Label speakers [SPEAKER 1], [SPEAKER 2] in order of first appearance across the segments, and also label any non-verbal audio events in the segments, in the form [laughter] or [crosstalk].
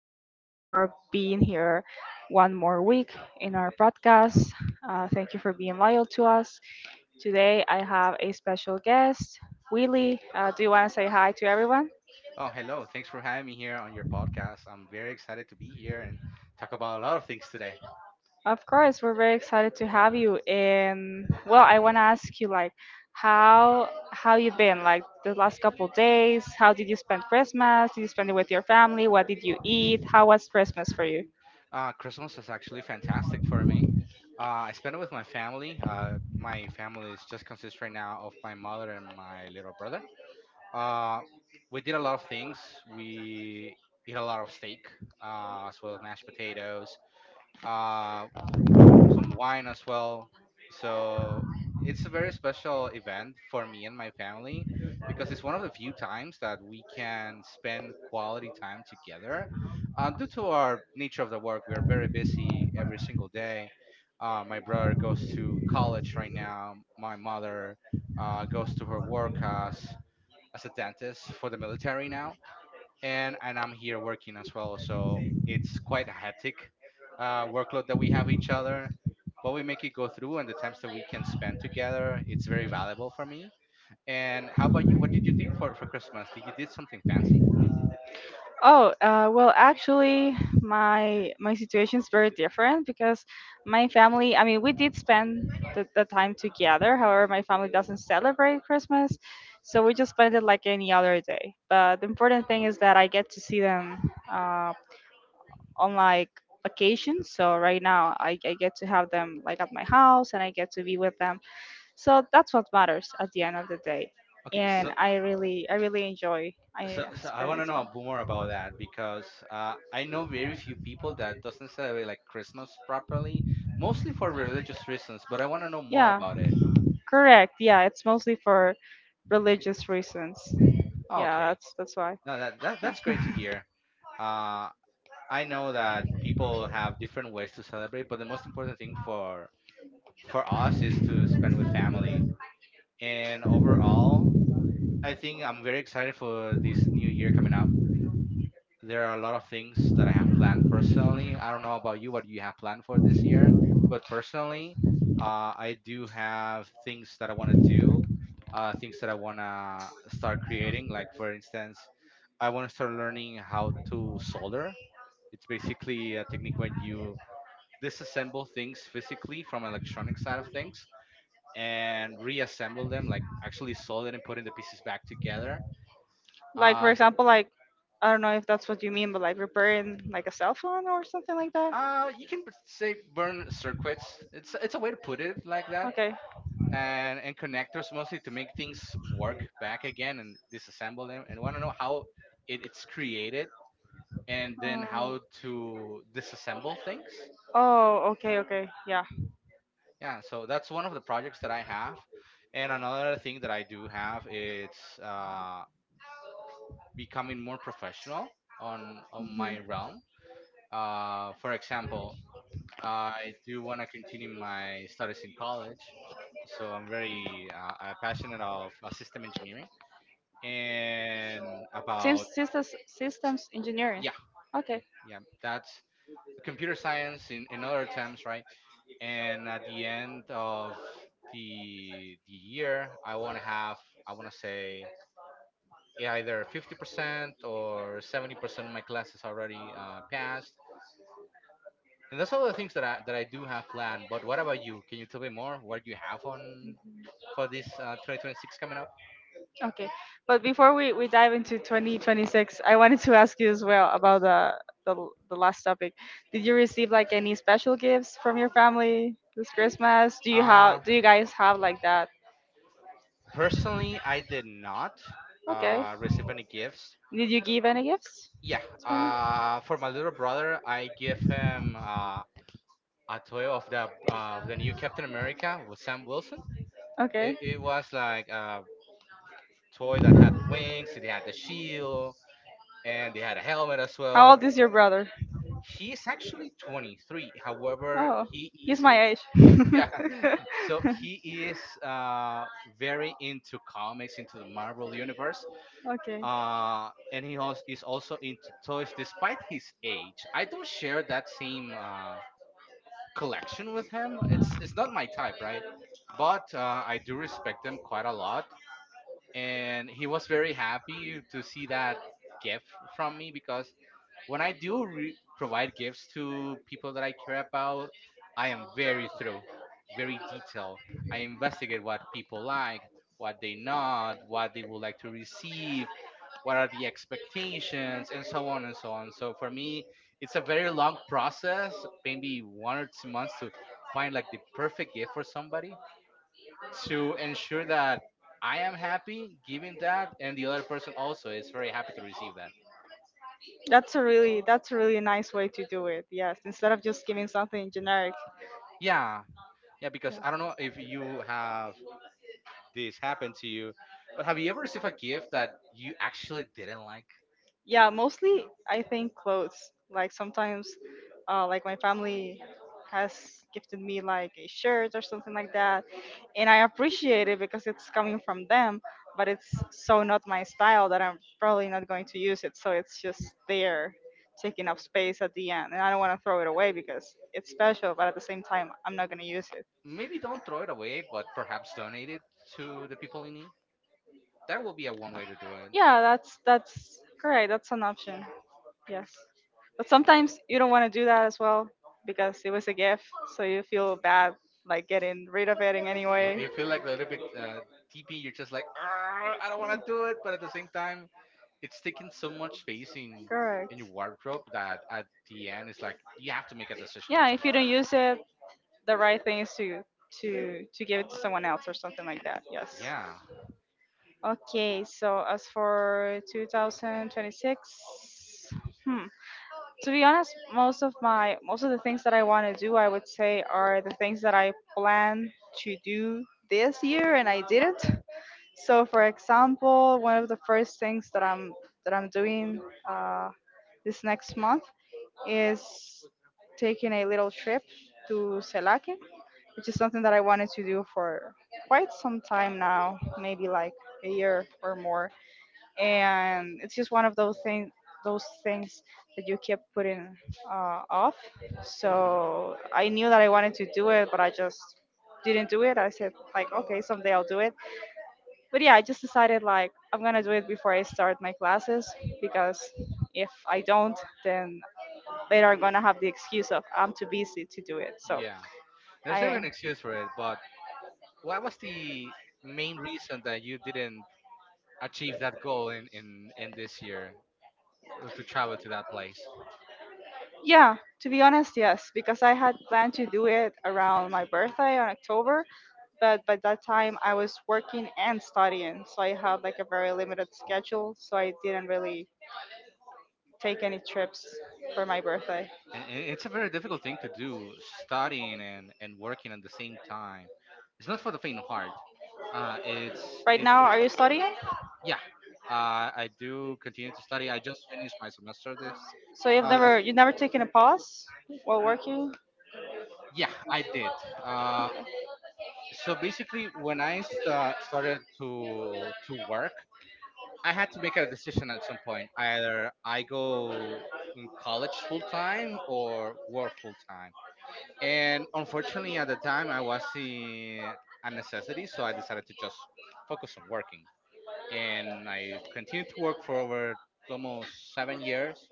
[SPEAKER 1] you so much for being here one more week in our podcast. Thank you for being loyal to us. Today, I have a special guest, Willie. Do you want to say hi to everyone?
[SPEAKER 2] Oh, hello. Thanks for having me here on your podcast. I'm very excited to be here and talk about a lot of things today.
[SPEAKER 1] Of course, we're very excited to have you. And well, I want to ask you, like, how you been? Like the last couple days, how did you spend Christmas? Did you spend it with your family? What did you eat? How was Christmas for you?
[SPEAKER 2] Christmas was actually fantastic for me. I spent it with my family. My family is just consists right now of my mother and my little brother. Uh, we did a lot of things. We eat a lot of steak, as well as mashed potatoes. Uh, Wine as well. So it's a very special event for me and my family because it's one of the few times that we can spend quality time together. Due to our nature of the work, we are very busy every single day. My brother goes to college right now. My mother goes to her work as a dentist for the military now and I'm here working as well. So it's quite a hectic workload that we have each other, but we make it go through, and the times that we can spend together, it's very valuable for me. And how about you? What did you did for Christmas? Did you did something fancy?
[SPEAKER 1] Oh, well, actually, my situation is very different because my family, I mean, we did spend the time together. However, my family doesn't celebrate Christmas, so we just spend it like any other day. But the important thing is that I get to see them on, like, vacation. So right now, I get to have them like at my house, and I get to be with them. So that's what matters at the end of the day,
[SPEAKER 2] Okay, so
[SPEAKER 1] and I really enjoy. I
[SPEAKER 2] so I want to know more about that because I know very few people that doesn't celebrate like Christmas properly, mostly for religious reasons. But I want to know more
[SPEAKER 1] Yeah,
[SPEAKER 2] about it.
[SPEAKER 1] correct. Yeah, it's mostly for religious reasons.
[SPEAKER 2] Oh,
[SPEAKER 1] Yeah,
[SPEAKER 2] okay,
[SPEAKER 1] that's why.
[SPEAKER 2] no, that's great to hear.
[SPEAKER 1] [laughs]
[SPEAKER 2] Uh, I know that people have different ways to celebrate, but the most important thing for us is to spend with family. And overall, I think I'm very excited for this new year coming up. There are a lot of things that I have planned personally. I don't know about you, what you have planned for this year, but personally, I do have things that I want to do, things that I want to start creating. Like for instance, I want to start learning how to solder. It's basically a technique when you disassemble things physically from electronic side of things and reassemble them, like actually solder and putting the pieces back together.
[SPEAKER 1] Like for
[SPEAKER 2] Uh,
[SPEAKER 1] example, like I don't know if that's what you mean, but like repairing like a cell phone or something like that.
[SPEAKER 2] you can say burn circuits. It's a way to put it like that.
[SPEAKER 1] Okay.
[SPEAKER 2] And connectors mostly to make things work back again and disassemble them. And want to know how it's created and then
[SPEAKER 1] Oh.
[SPEAKER 2] how to disassemble things.
[SPEAKER 1] Oh, okay, okay, yeah.
[SPEAKER 2] Yeah, so that's one of the projects that I have. And another thing that I do have it's. Becoming more professional on my
[SPEAKER 1] Mhm.
[SPEAKER 2] realm. For example, I do want to continue my studies in college, so I'm very passionate of system engineering and about
[SPEAKER 1] Systems, systems,
[SPEAKER 2] s- s-
[SPEAKER 1] systems engineering.
[SPEAKER 2] yeah,
[SPEAKER 1] Okay.
[SPEAKER 2] yeah. That's computer science in other terms, right? And at the end of the year, I want to say yeah, either 50% or 70% of my classes already passed. And that's all the things that I do have planned. But what about you? Can you tell me more? What you have on for this 2026 coming up?
[SPEAKER 1] Okay, but before we dive into 2026, I wanted to ask you as well about the last topic. Did you receive like any special gifts from your family this Christmas? Do you
[SPEAKER 2] Uh
[SPEAKER 1] have do you guys have like that?
[SPEAKER 2] Personally, I did not
[SPEAKER 1] Okay.
[SPEAKER 2] receive any gifts.
[SPEAKER 1] Did you give any gifts?
[SPEAKER 2] Yeah. For my little brother, I give him a toy of the new Captain America with Sam Wilson. It,
[SPEAKER 1] Okay.
[SPEAKER 2] it was like a toy that had wings. It had the shield and it had a helmet as
[SPEAKER 1] How
[SPEAKER 2] well.
[SPEAKER 1] old is your brother?
[SPEAKER 2] He's actually 23. However,
[SPEAKER 1] Oh,
[SPEAKER 2] he
[SPEAKER 1] he's
[SPEAKER 2] is in
[SPEAKER 1] my age. [laughs]
[SPEAKER 2] yeah. So he is very into comics, into the Marvel universe,
[SPEAKER 1] [laughs] Okay.
[SPEAKER 2] and he also is also into toys. Despite his age, I don't share that same collection with him. It's not my type, right? But I do respect him quite a lot, and he was very happy to see that gift from me because when I do provide gifts to people that I care about, I am very thorough, very detailed. I investigate what people like, what they not, what they would like to receive, what are the expectations, and so on and so on. So for me, it's a very long process, maybe 1 or 2 months to find like the perfect gift for somebody to ensure that I am happy giving that and the other person also is very happy to receive that.
[SPEAKER 1] That's a really nice way to do it. Yes, instead of just giving something generic,
[SPEAKER 2] Yeah, Yeah, because I don't know if you have this happen to you, but have you ever received a gift that you actually didn't like?
[SPEAKER 1] yeah. Mostly I think clothes, like sometimes like my family has gifted me like a shirt or something like that, and I appreciate it because it's coming from them, but it's so not my style that I'm probably not going to use it, so it's just there taking up space at the end, and I don't want to throw it away because it's special, but at the same time I'm not going to use it.
[SPEAKER 2] Maybe don't throw it away, but perhaps donate it to the people in need. That will be a one way to do it.
[SPEAKER 1] Yeah, that's correct, that's an option. Yes. But sometimes you don't want to do that as well because it was a gift, so you feel bad like getting rid of it in any
[SPEAKER 2] You
[SPEAKER 1] way.
[SPEAKER 2] feel like a little bit deep you're just like, "Arr, I don't want to do it, but at the same time, it's taking so much space in
[SPEAKER 1] Correct.
[SPEAKER 2] your wardrobe that at the end, it's like you have to make a decision
[SPEAKER 1] Yeah,
[SPEAKER 2] at some
[SPEAKER 1] if you
[SPEAKER 2] point.
[SPEAKER 1] don't use it, the right thing is to to give it to someone else or something like that. Yes.
[SPEAKER 2] Yeah,
[SPEAKER 1] Okay, so as for 2026, to be honest, most of my most of the things that I want to do, I would say, are the things that I plan to do this year and I didn't. So, for example, one of the first things that I'm doing uh, this next month is taking a little trip to Selake, which is something that I wanted to do for quite some time now, maybe like a year or more, and it's just one of those things that you keep putting off.
[SPEAKER 2] hmm,
[SPEAKER 1] So I knew that I wanted to do it, but I just didn't do it. I said like, okay, someday I'll do it, but yeah, I just decided like I'm gonna do it before I start my classes, because if I don't, then later I'm gonna have the excuse of I'm too busy to do it. so
[SPEAKER 2] yeah.
[SPEAKER 1] i
[SPEAKER 2] There's never an excuse for it, but what was the main reason that you didn't achieve that goal in this year to travel to that place?
[SPEAKER 1] Yeah, to be honest, yes, because I had planned to do it around my birthday on October, but by that time I was working and studying, so I had like a very limited schedule, so I didn't really take any trips for my birthday.
[SPEAKER 2] And it's a very difficult thing to do, studying and working at the same time. It's not for the faint of heart. It's
[SPEAKER 1] Right
[SPEAKER 2] it
[SPEAKER 1] now, are you studying?
[SPEAKER 2] yeah. I do continue to study. I just finished my semester this
[SPEAKER 1] So you've
[SPEAKER 2] last.
[SPEAKER 1] never you've never taken a pause while working?
[SPEAKER 2] Yeah, I did. Uh, so basically, when I started to work, I had to make a decision at some point. Either I go in college full time or work full time. And unfortunately, at the time, I was in a necessity, so I decided to just focus on working. And I continued to work for over almost 7 years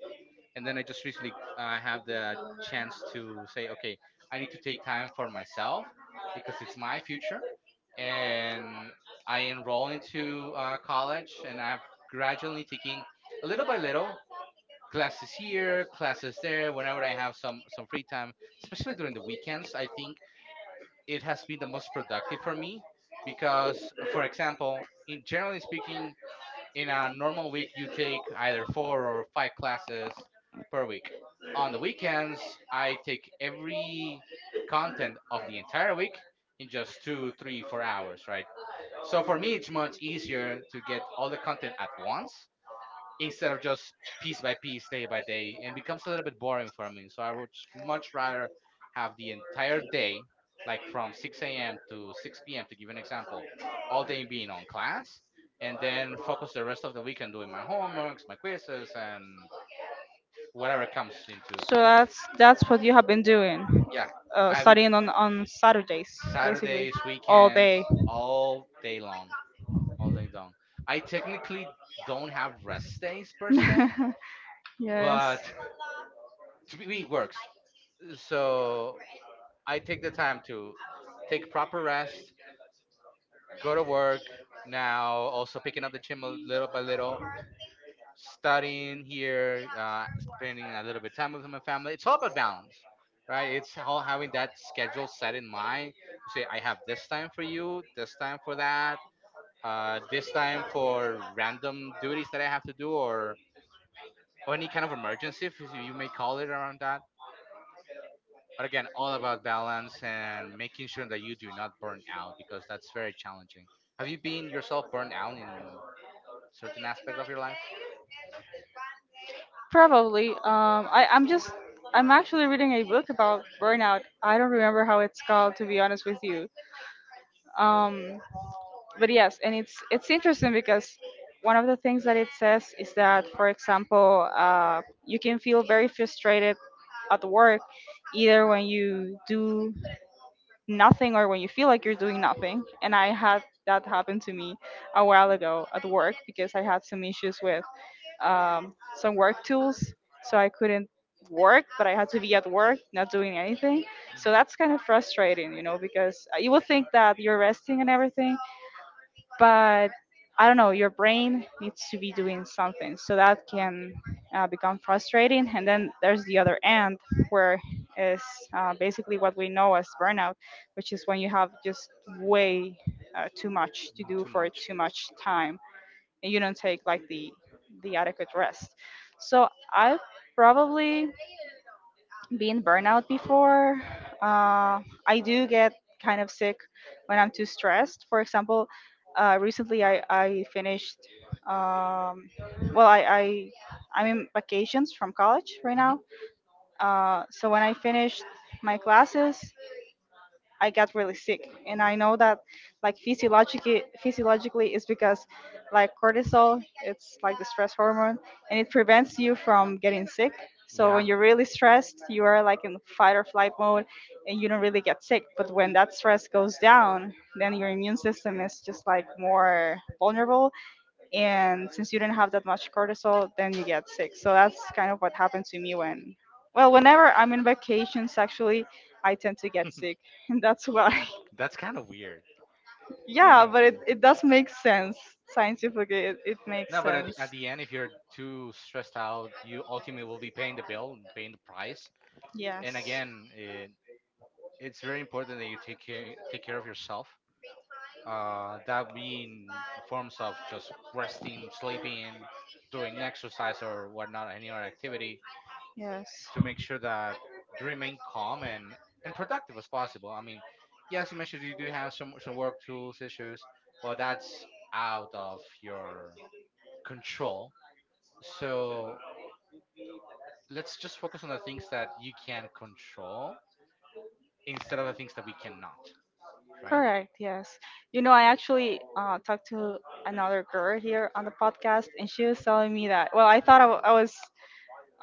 [SPEAKER 2] and then I just recently have the chance to say, okay, I need to take time for myself because it's my future, and I enroll into college, and I've gradually taking a little by little classes here, classes there. Whenever I have some free time, especially during the weekends, I think it has been the most productive for me because, for example, in generally speaking, in a normal week you take either four or five classes per week. On the weekends I take every content of the entire week in just 2 3 4 hours, right? So for me it's much easier to get all the content at once instead of just piece by piece, day by day, and becomes a little bit boring for me. So I would much rather have the entire day, like from 6 a.m. to 6 p.m. to give an example, all day being on class, and then focus the rest of the week on doing my homeworks, my quizzes, and whatever comes into
[SPEAKER 1] So
[SPEAKER 2] college.
[SPEAKER 1] that's what you have been doing,
[SPEAKER 2] Yeah, I have it
[SPEAKER 1] studying on Saturdays, basically
[SPEAKER 2] Saturdays,
[SPEAKER 1] all day.
[SPEAKER 2] weekends, all day long, all day long. I technically don't have rest days per se,
[SPEAKER 1] [laughs] Yes,
[SPEAKER 2] but [laughs] to me it works. So I take the time to take proper rest, go to work now, also picking up the gym a little by little, studying here, spending a little bit of time with my family. It's all about balance, right? It's how having that schedule set in mind to say, I have this time for you, this time for that, this time for random duties that I have to do or any kind of emergency, if you may call it around that. But again, all about balance and making sure that you do not burn out because that's very challenging. Have you been yourself burned out in certain aspect of your life?
[SPEAKER 1] probably. I'm just I'm actually reading a book about burnout. I don't remember how it's called, to be honest with you. Um, but yes, and it's interesting because one of the things that it says is that, for example, you can feel very frustrated at work either when you do nothing or when you feel like you're doing nothing. And I had that happen to me a while ago at work because I had some issues with some work tools, so I couldn't work, but I had to be at work, not doing anything. So
[SPEAKER 2] Hmm.
[SPEAKER 1] that's kind of frustrating, you know, because you will think that you're resting and everything, but I don't know, your brain needs to be doing something. So that can become frustrating. And then there's the other end, where is basically what we know as burnout, which is when you have just way too much to do
[SPEAKER 2] Too
[SPEAKER 1] for
[SPEAKER 2] much.
[SPEAKER 1] too much time, and you don't take like the adequate rest. So I've probably been burnout before. Uh, I do get kind of sick when I'm too stressed. For example, recently I finished. Um, well, I I'm in vacations from college right
[SPEAKER 2] Hmm.
[SPEAKER 1] now. So when I finished my classes, I got really sick, and I know that, like, physiologically, it's because like cortisol, it's like the stress hormone, and it prevents you from getting sick. So
[SPEAKER 2] Yeah,
[SPEAKER 1] when you're really stressed, you are like in fight or flight mode, and you don't really get sick. But when that stress goes down, then your immune system is just like more vulnerable, and since you did not have that much cortisol, then you get sick. So that's kind of what happened to me when, well, whenever I'm in vacations actually, I tend to get sick. [laughs] And that's why
[SPEAKER 2] that's kind of weird.
[SPEAKER 1] [laughs] yeah, but it does make sense. Scientifically, it makes
[SPEAKER 2] No, but
[SPEAKER 1] sense.
[SPEAKER 2] at the end, if you're too stressed out, you ultimately will be paying the bill, and paying the price.
[SPEAKER 1] Yes.
[SPEAKER 2] And again, it's very important that you take care of yourself. That being forms of just resting, sleeping, doing exercise or whatnot, any other activity
[SPEAKER 1] Yes,
[SPEAKER 2] to make sure that you remain calm and productive as possible. I mean, yes, you mentioned you do have some work tools issues, but that's out of your control. So let's just focus on the things that you can control instead of the things that we cannot, right?
[SPEAKER 1] correct, yes. You know, I actually talked to another girl here on the podcast, and she was telling me that, well,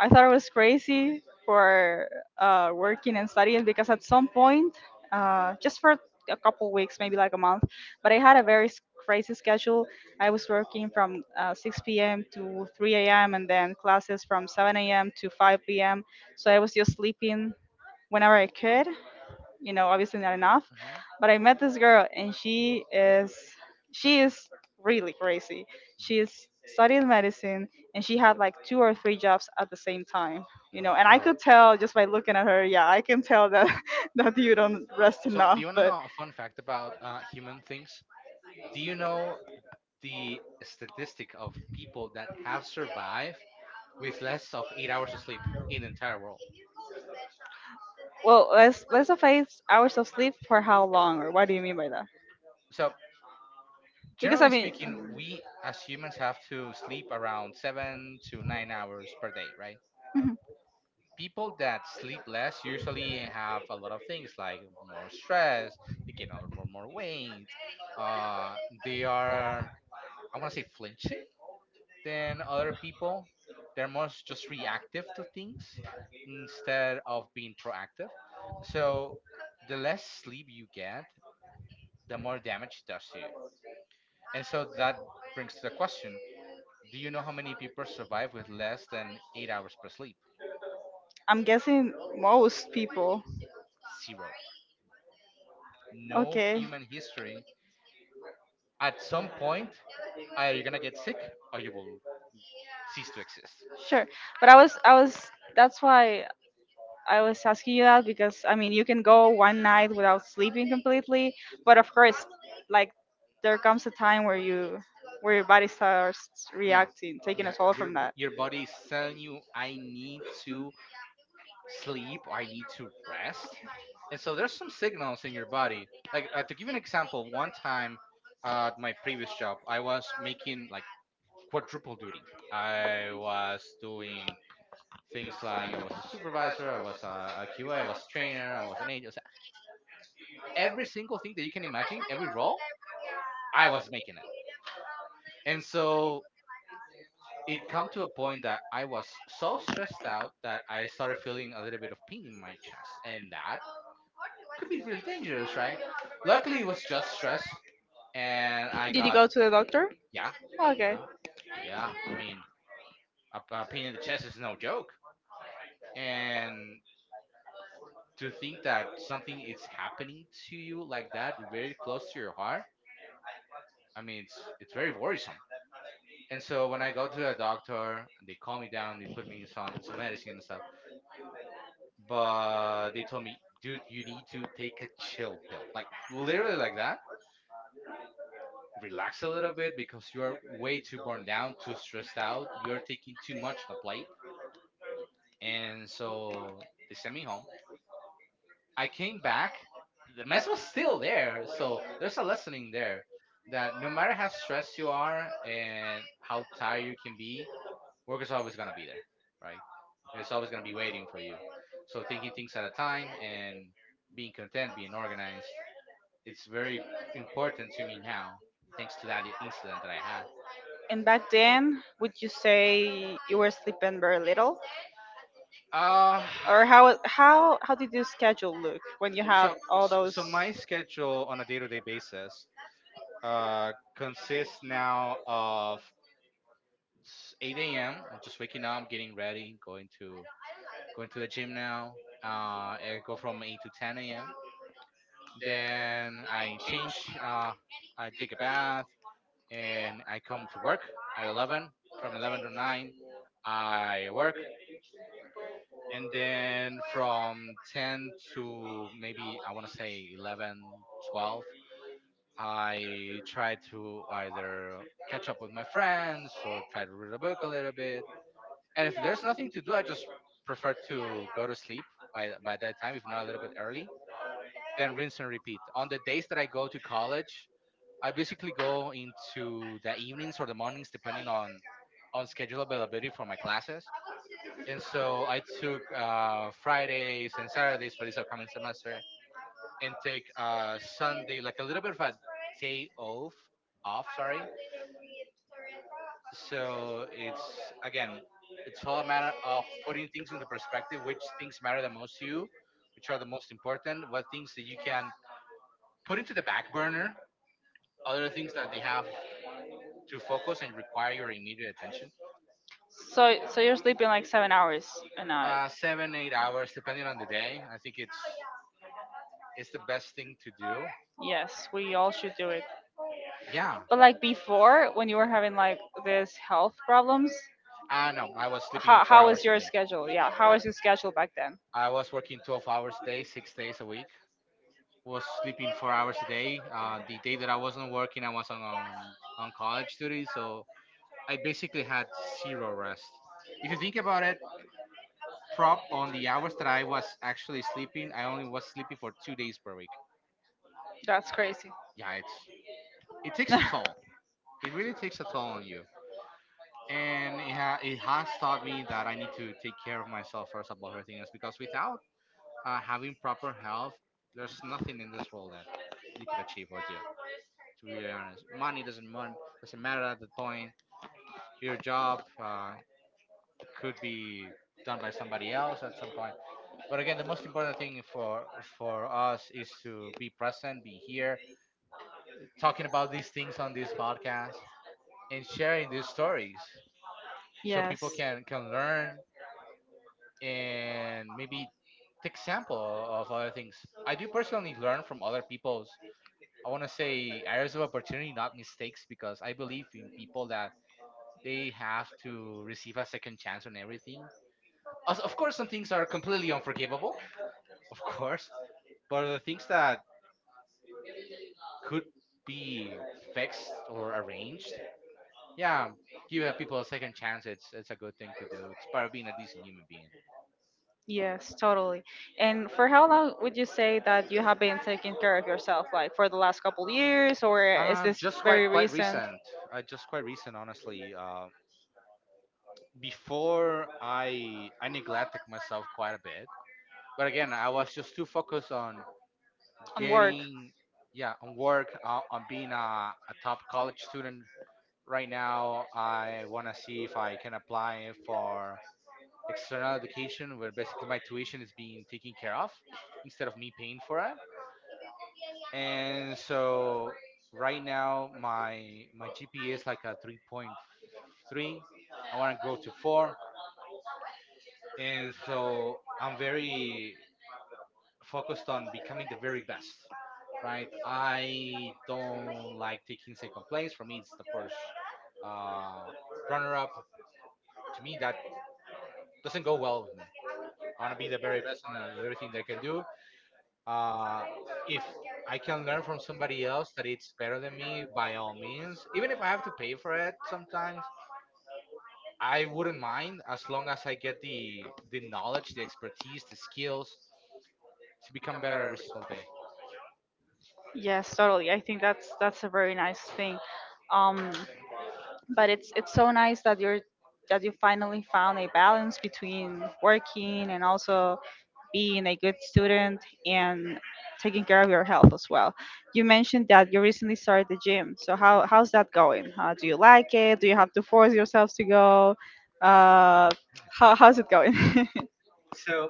[SPEAKER 1] I thought I was crazy for working and studying, because at some point, just for a couple weeks, maybe like a month, but I had a very crazy schedule. I was working from 6 p.m. to 3 a.m., and then classes from 7 a.m. to 5 p.m. So I was just sleeping whenever I could, you know, obviously not enough.
[SPEAKER 2] Hmm.
[SPEAKER 1] But I met this girl, and she is really crazy. She
[SPEAKER 2] Hmm.
[SPEAKER 1] is studying medicine, and she had like two or three jobs at the same time, you know,
[SPEAKER 2] My
[SPEAKER 1] and I
[SPEAKER 2] God.
[SPEAKER 1] could tell just by looking at her. Yeah, I can tell that [laughs] that you don't rest
[SPEAKER 2] So, do
[SPEAKER 1] enough.
[SPEAKER 2] you want to
[SPEAKER 1] But
[SPEAKER 2] know a fun fact about human things? Do you know the statistic of people that have survived with less of 8 hours of sleep in the entire world?
[SPEAKER 1] well, let's define hours of sleep. For how long, or what do you mean by that?
[SPEAKER 2] So
[SPEAKER 1] Because I
[SPEAKER 2] generally
[SPEAKER 1] mean,
[SPEAKER 2] speaking, we as humans have to sleep around 7 to 9 hours per day, right?
[SPEAKER 1] mhm.
[SPEAKER 2] People that sleep less usually have a lot of things like more stress, they gain a lot more, more weight, uh, they are, I want to say, flinchy than other people. They're more just reactive to things instead of being proactive. So the less sleep you get, the more damage it does to you. And so that brings to the question. Do you know how many people survive with less than 8 hours per sleep?
[SPEAKER 1] [laughs] I'm guessing most people.
[SPEAKER 2] Zero. No
[SPEAKER 1] Okay.
[SPEAKER 2] human history. At some point, either you're gonna get sick or you will cease to exist.
[SPEAKER 1] Sure. But I was that's why I was asking you that, because I mean you can go one night without sleeping completely, but of course, like, there comes a time where you where your body starts
[SPEAKER 2] Yeah,
[SPEAKER 1] reacting, taking a
[SPEAKER 2] yeah.
[SPEAKER 1] toll
[SPEAKER 2] Your
[SPEAKER 1] from that.
[SPEAKER 2] your body is telling you, I need to sleep. I need to rest. And so there's some signals in your body. Like to give you an example, one time at my previous job, I was making like quadruple duty. I was doing things like I was a supervisor, I was a QA, I was a trainer, I was an agent. So every single thing that you can imagine, every role, I was making it. And so it come to a point that I was so stressed out that I started feeling a little bit of pain in my chest, and that could be really dangerous, right? Luckily, it was just stress, and I
[SPEAKER 1] Did you
[SPEAKER 2] got
[SPEAKER 1] go to the doctor?
[SPEAKER 2] yeah,
[SPEAKER 1] Okay.
[SPEAKER 2] yeah, yeah. I mean, a pain in the chest is no joke, and to think that something is happening to you like that very close to your heart, I mean it's very worrisome. And so when I go to a doctor, they calm me down, they put me in some medicine and stuff, but they told me, dude, you need to take a chill pill, like literally like that. Relax a little bit, because you are way too burned down, too stressed out, you're taking too much on the plate. And so they sent me home, I came back, the mess was still there. So there's a lesson in there that no matter how stressed you are and how tired you can be, work is always gonna be there, right? It's always gonna be waiting for you. So thinking things at a time and being content, being organized, it's very important to me now, thanks to that incident that I had.
[SPEAKER 1] And back then, would you say you were sleeping very little,
[SPEAKER 2] Uh
[SPEAKER 1] or how did your schedule look when
[SPEAKER 2] [sighs]
[SPEAKER 1] you had
[SPEAKER 2] so
[SPEAKER 1] all
[SPEAKER 2] so
[SPEAKER 1] those?
[SPEAKER 2] so my schedule on a day-to-day basis consists now of 8 a.m. I'm just waking up, getting ready, going to going to the gym now. I go from 8 to 10 a.m. Then I change. I take a bath and I come to work at 11. From 11 to 9, I work, and then from 10 to maybe I want to say 11, 12, I try to either catch up with my friends or try to read a book a little bit. And if there's nothing to do, I just prefer to go to sleep by by that time, if not a little bit early. Then rinse and repeat. On the days that I go to college, I basically go into the evenings or the mornings, depending on schedule availability for my classes. And so I took Fridays and Saturdays for this upcoming semester, and take Sunday like a little bit of a day off off. Sorry. So it's again, it's all a matter of putting things into perspective, which things matter the most to you, which are the most important, what things that you can put into the back burner, other things that they have to focus and require your immediate attention.
[SPEAKER 1] So so you're sleeping like 7 hours a night.
[SPEAKER 2] Seven, 8 hours, depending on the day. I think it's the best thing to do.
[SPEAKER 1] Yes, we all should do it.
[SPEAKER 2] Yeah.
[SPEAKER 1] But like before, when you were having like this health problems,
[SPEAKER 2] I
[SPEAKER 1] ah no,
[SPEAKER 2] know. I was sleeping
[SPEAKER 1] how
[SPEAKER 2] four
[SPEAKER 1] throughout. Was terrible.
[SPEAKER 2] hours a
[SPEAKER 1] Your
[SPEAKER 2] day.
[SPEAKER 1] schedule? Yeah, how
[SPEAKER 2] Like,
[SPEAKER 1] was your schedule back then?
[SPEAKER 2] I was working 12 hours a day, 6 days a week. Was sleeping 4 hours a day. The day that I wasn't working, I was on, on college duty, so I basically had zero rest. If you think about it, prop on the hours that I was actually sleeping, I only was sleeping for 2 days per week.
[SPEAKER 1] That's crazy.
[SPEAKER 2] Yeah, it's it takes a toll.
[SPEAKER 1] [laughs]
[SPEAKER 2] It really takes a toll on you, and it it has taught me that I need to take care of myself first above everything else. Because without having proper health, there's nothing in this world that you can achieve or do. To be honest. Money doesn't doesn't matter at that point. Your job could be done by somebody else at some point. But again, the most important thing for us is to be present, be here, talking about these things on this podcast, and sharing these stories
[SPEAKER 1] people
[SPEAKER 2] so
[SPEAKER 1] yes.
[SPEAKER 2] people
[SPEAKER 1] people
[SPEAKER 2] can learn and maybe take sample of other things. I do personally learn from other people's, I want to say, areas of opportunity, not mistakes, because I believe in people that they have to receive a second chance on everything. Of course, some things are completely unforgivable, of course, but the things that could be fixed or arranged, yeah, give people a second chance. It's a good thing to do. It's part of being a decent human being.
[SPEAKER 1] Yes, totally. And for how long would you say that you have been taking care of yourself? Like for the last couple years, or is this just
[SPEAKER 2] Just
[SPEAKER 1] quite
[SPEAKER 2] quite
[SPEAKER 1] very quite
[SPEAKER 2] quite
[SPEAKER 1] recent? Recent.
[SPEAKER 2] recent. Just quite recent, honestly. Before I neglected myself quite a bit, but again, I was just too focused on
[SPEAKER 1] On work?
[SPEAKER 2] getting, yeah, on work on being a top college student. Right now I want to see if I can apply for external education where basically my tuition is being taken care of instead of me paying for it. And so right now my GPA is like a 3.3. I want to go to 4, and so I'm very focused on becoming the very best, right? I don't like taking second place. For me, it's the first uh, runner up. To me, that doesn't go well with me. I want to be the very everything that I can do. Uh, if I can learn from somebody else that it's better than me, by all means, even if I have to pay for it sometimes, I wouldn't mind as long as I get the knowledge, the expertise, the skills to become better every single day.
[SPEAKER 1] Yes, totally. I think that's a very nice thing. Um, but it's so nice that you finally found a balance between working and also being a good student, and taking care of your health as well. You mentioned that you recently started the gym. So how's that going? Do you like it? Do you have to force yourself to go? Uh, how's it going?
[SPEAKER 2] So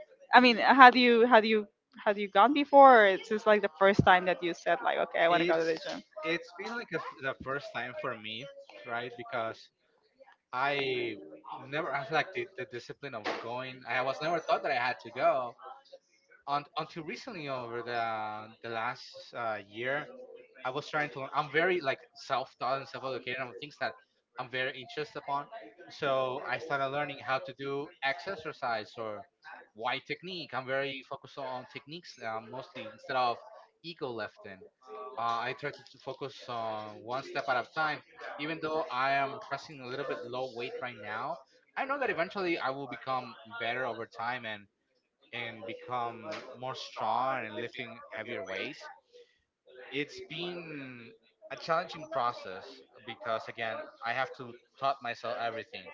[SPEAKER 1] [laughs] I mean, had you gone before? Or it's just like the first time that you said like, okay, I want to go to the
[SPEAKER 2] It's
[SPEAKER 1] gym.
[SPEAKER 2] it's like the, the first time for me, right? Because I never have like the discipline of going. I was never thought that I had to go until recently over the last year. I was trying to learn. I'm very like self-taught and self-educated on things that I'm very interested upon. So I started learning how to do X exercise or Y technique. I'm very focused on techniques mostly instead of ego lifting. I try to focus on one step at a time. Even though I am pressing a little bit low weight right now, I know that eventually I will become better over time and become more strong and lifting heavier weights. It's been a challenging process because again I have to taught myself everything.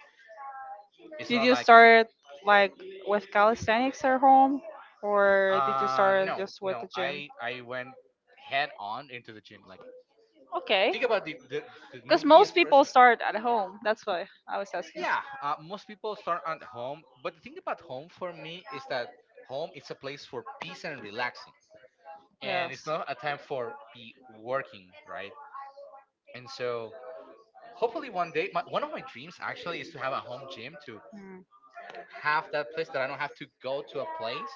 [SPEAKER 2] It's
[SPEAKER 1] Did
[SPEAKER 2] not
[SPEAKER 1] you
[SPEAKER 2] like
[SPEAKER 1] start like with calisthenics at home, or did you
[SPEAKER 2] uh,
[SPEAKER 1] start
[SPEAKER 2] no
[SPEAKER 1] just with
[SPEAKER 2] no
[SPEAKER 1] the gym?
[SPEAKER 2] I went head on into the gym, like
[SPEAKER 1] Okay,
[SPEAKER 2] think about the
[SPEAKER 1] because most
[SPEAKER 2] newbiest
[SPEAKER 1] people
[SPEAKER 2] person.
[SPEAKER 1] start at home. That's why I was asking.
[SPEAKER 2] Yeah most people start at home, but the thing about home for me is that home is a place for peace and relaxing, and
[SPEAKER 1] Yes.
[SPEAKER 2] it's not a time for be working, right? And so hopefully one day my, one of my dreams actually is to have a home gym to
[SPEAKER 1] Mm.
[SPEAKER 2] have that place that I don't have to go to a place,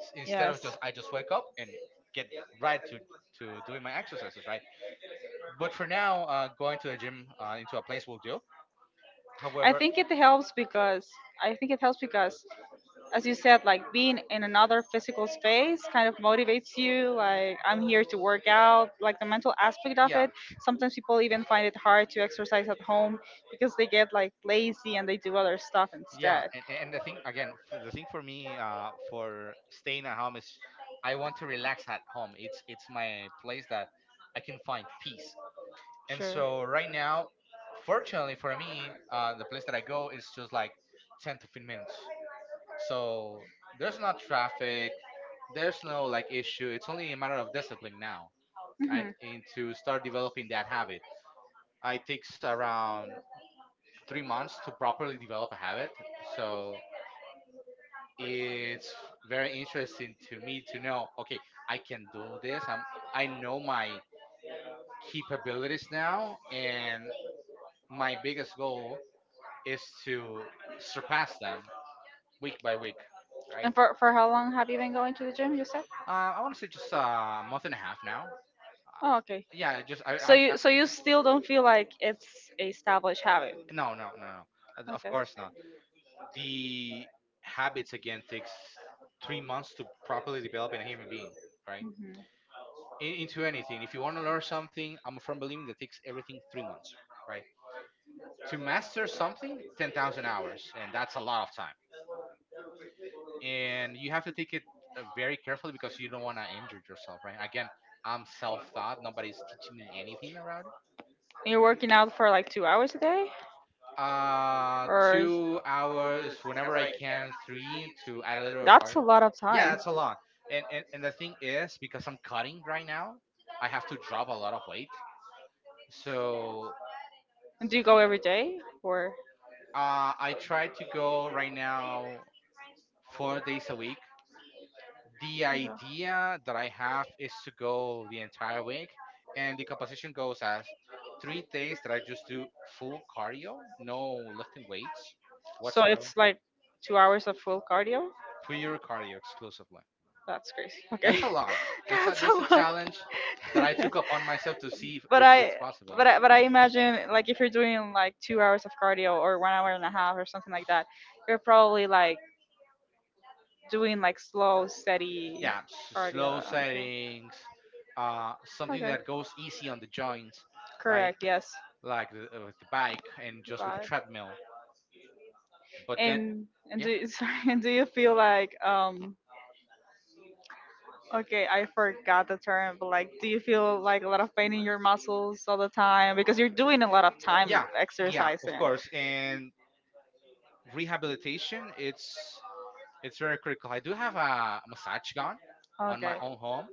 [SPEAKER 2] instead of
[SPEAKER 1] Yes.
[SPEAKER 2] just I just wake up and get right to doing my exercises, right? But for now, going to the gym into a place will do.
[SPEAKER 1] I
[SPEAKER 2] However,
[SPEAKER 1] think it helps because I think it helps because as you said, like being in another physical space kind of motivates you. Like, I'm here to work out, like the mental aspect of
[SPEAKER 2] yeah,
[SPEAKER 1] it. Sometimes people even find it hard to exercise at home because they get like lazy and they do other stuff. Yeah.
[SPEAKER 2] yeah,
[SPEAKER 1] Instead.
[SPEAKER 2] and the thing again, for the thing for me for staying at home is I want to relax at home. It's my place that I can find peace. And so
[SPEAKER 1] Sure.
[SPEAKER 2] right now, fortunately for me, the place that I go is just like 10 to 15 minutes. So there's not traffic, there's no like issue. It's only a matter of discipline now,
[SPEAKER 1] I'm hmm
[SPEAKER 2] right?
[SPEAKER 1] going
[SPEAKER 2] And to start developing that habit. It takes around 3 months to properly develop a habit. So it's very interesting to me to know, okay, I can do this. I'm I know my capabilities now and my biggest goal is to surpass them week by week,
[SPEAKER 1] Right?
[SPEAKER 2] right?
[SPEAKER 1] And for how long have you been going to the gym, you said?
[SPEAKER 2] I want to say just a month and a half now. Uh,
[SPEAKER 1] Oh, okay.
[SPEAKER 2] yeah, just I,
[SPEAKER 1] So
[SPEAKER 2] i'm I,
[SPEAKER 1] you still don't feel like it's a established habit.
[SPEAKER 2] no, no, no, no. Of course not. The habits again takes 3 months to properly develop in a human being, right?
[SPEAKER 1] Hmm.
[SPEAKER 2] In, into anything, if you want to learn something, I'm a firm believer that takes everything 3 months, right? To master something, 10,000 hours, and that's a lot of time, and you have to take it very carefully, because you don't want to injure yourself, right? Again, I'm self-taught, nobody's teaching me anything around.
[SPEAKER 1] You're working out for like 2 hours a day. Or
[SPEAKER 2] 2 hours whenever I can, three to add a little of
[SPEAKER 1] that's a
[SPEAKER 2] cardio.
[SPEAKER 1] lot of
[SPEAKER 2] Yeah,
[SPEAKER 1] time.
[SPEAKER 2] that's a lot. And, and the thing is, because I'm cutting right now, I have to drop a lot of weight. So
[SPEAKER 1] And do you go every day or?
[SPEAKER 2] I try to go right now 4 days a week. The
[SPEAKER 1] No.
[SPEAKER 2] idea that I have is to go the entire week, and the composition goes as 3 days that I just do full cardio, no lifting weights
[SPEAKER 1] So
[SPEAKER 2] whatsoever,
[SPEAKER 1] it's like 2 hours of full cardio.
[SPEAKER 2] pure cardio exclusively.
[SPEAKER 1] That's crazy. Okay,
[SPEAKER 2] That's
[SPEAKER 1] [laughs]
[SPEAKER 2] a lot. That's a
[SPEAKER 1] that's a
[SPEAKER 2] that's a
[SPEAKER 1] lot. [laughs]
[SPEAKER 2] challenge that I took upon myself to see if,
[SPEAKER 1] but
[SPEAKER 2] if
[SPEAKER 1] I,
[SPEAKER 2] it's possible.
[SPEAKER 1] but I imagine like if you're doing like 2 hours of cardio or 1 hour and a half or something like that, you're probably like doing like slow, steady
[SPEAKER 2] Yeah, slow
[SPEAKER 1] cardio.
[SPEAKER 2] settings, something
[SPEAKER 1] Okay.
[SPEAKER 2] that goes easy on the joints, right?
[SPEAKER 1] Correct. Yes.
[SPEAKER 2] Like with the bike and just with the
[SPEAKER 1] Right.
[SPEAKER 2] treadmill. But then,
[SPEAKER 1] And
[SPEAKER 2] yeah,
[SPEAKER 1] do you- [laughs] sorry, and do you feel like okay I forgot the term but like do you feel like a lot of pain in your muscles all the time because you're doing a lot of time yeah, of
[SPEAKER 2] yeah, yeah, of
[SPEAKER 1] exercising.
[SPEAKER 2] course. And rehabilitation, it's very critical. I do have a massage gun
[SPEAKER 1] On.
[SPEAKER 2] on my
[SPEAKER 1] Okay.
[SPEAKER 2] own
[SPEAKER 1] Do
[SPEAKER 2] home,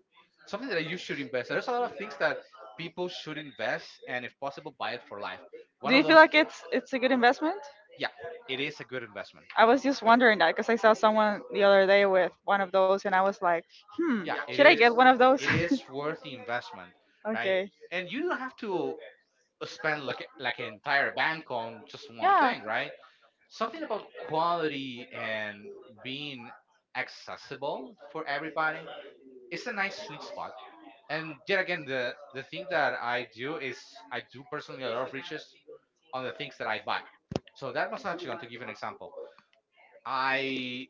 [SPEAKER 2] something that you should invest. There's a lot of things that people should invest, and if possible, buy it for life, one of
[SPEAKER 1] you feel
[SPEAKER 2] those.
[SPEAKER 1] like it's a good investment?
[SPEAKER 2] Yeah, it is a good investment.
[SPEAKER 1] I was just wondering that because I saw someone the other day with one of those and I was like, hmm,
[SPEAKER 2] Yeah,
[SPEAKER 1] should
[SPEAKER 2] it
[SPEAKER 1] I it
[SPEAKER 2] is
[SPEAKER 1] get one of those?
[SPEAKER 2] it is worth the
[SPEAKER 1] [laughs]
[SPEAKER 2] investment,
[SPEAKER 1] Right?
[SPEAKER 2] right?
[SPEAKER 1] Okay.
[SPEAKER 2] And you don't have to spend like an entire bank on just one
[SPEAKER 1] Yeah.
[SPEAKER 2] thing, right? Something about quality and being accessible for everybody, it's a nice sweet spot. And yet again, the thing that I do is I do personally a lot of research on the things that I buy. So that massage gun, to give an example, I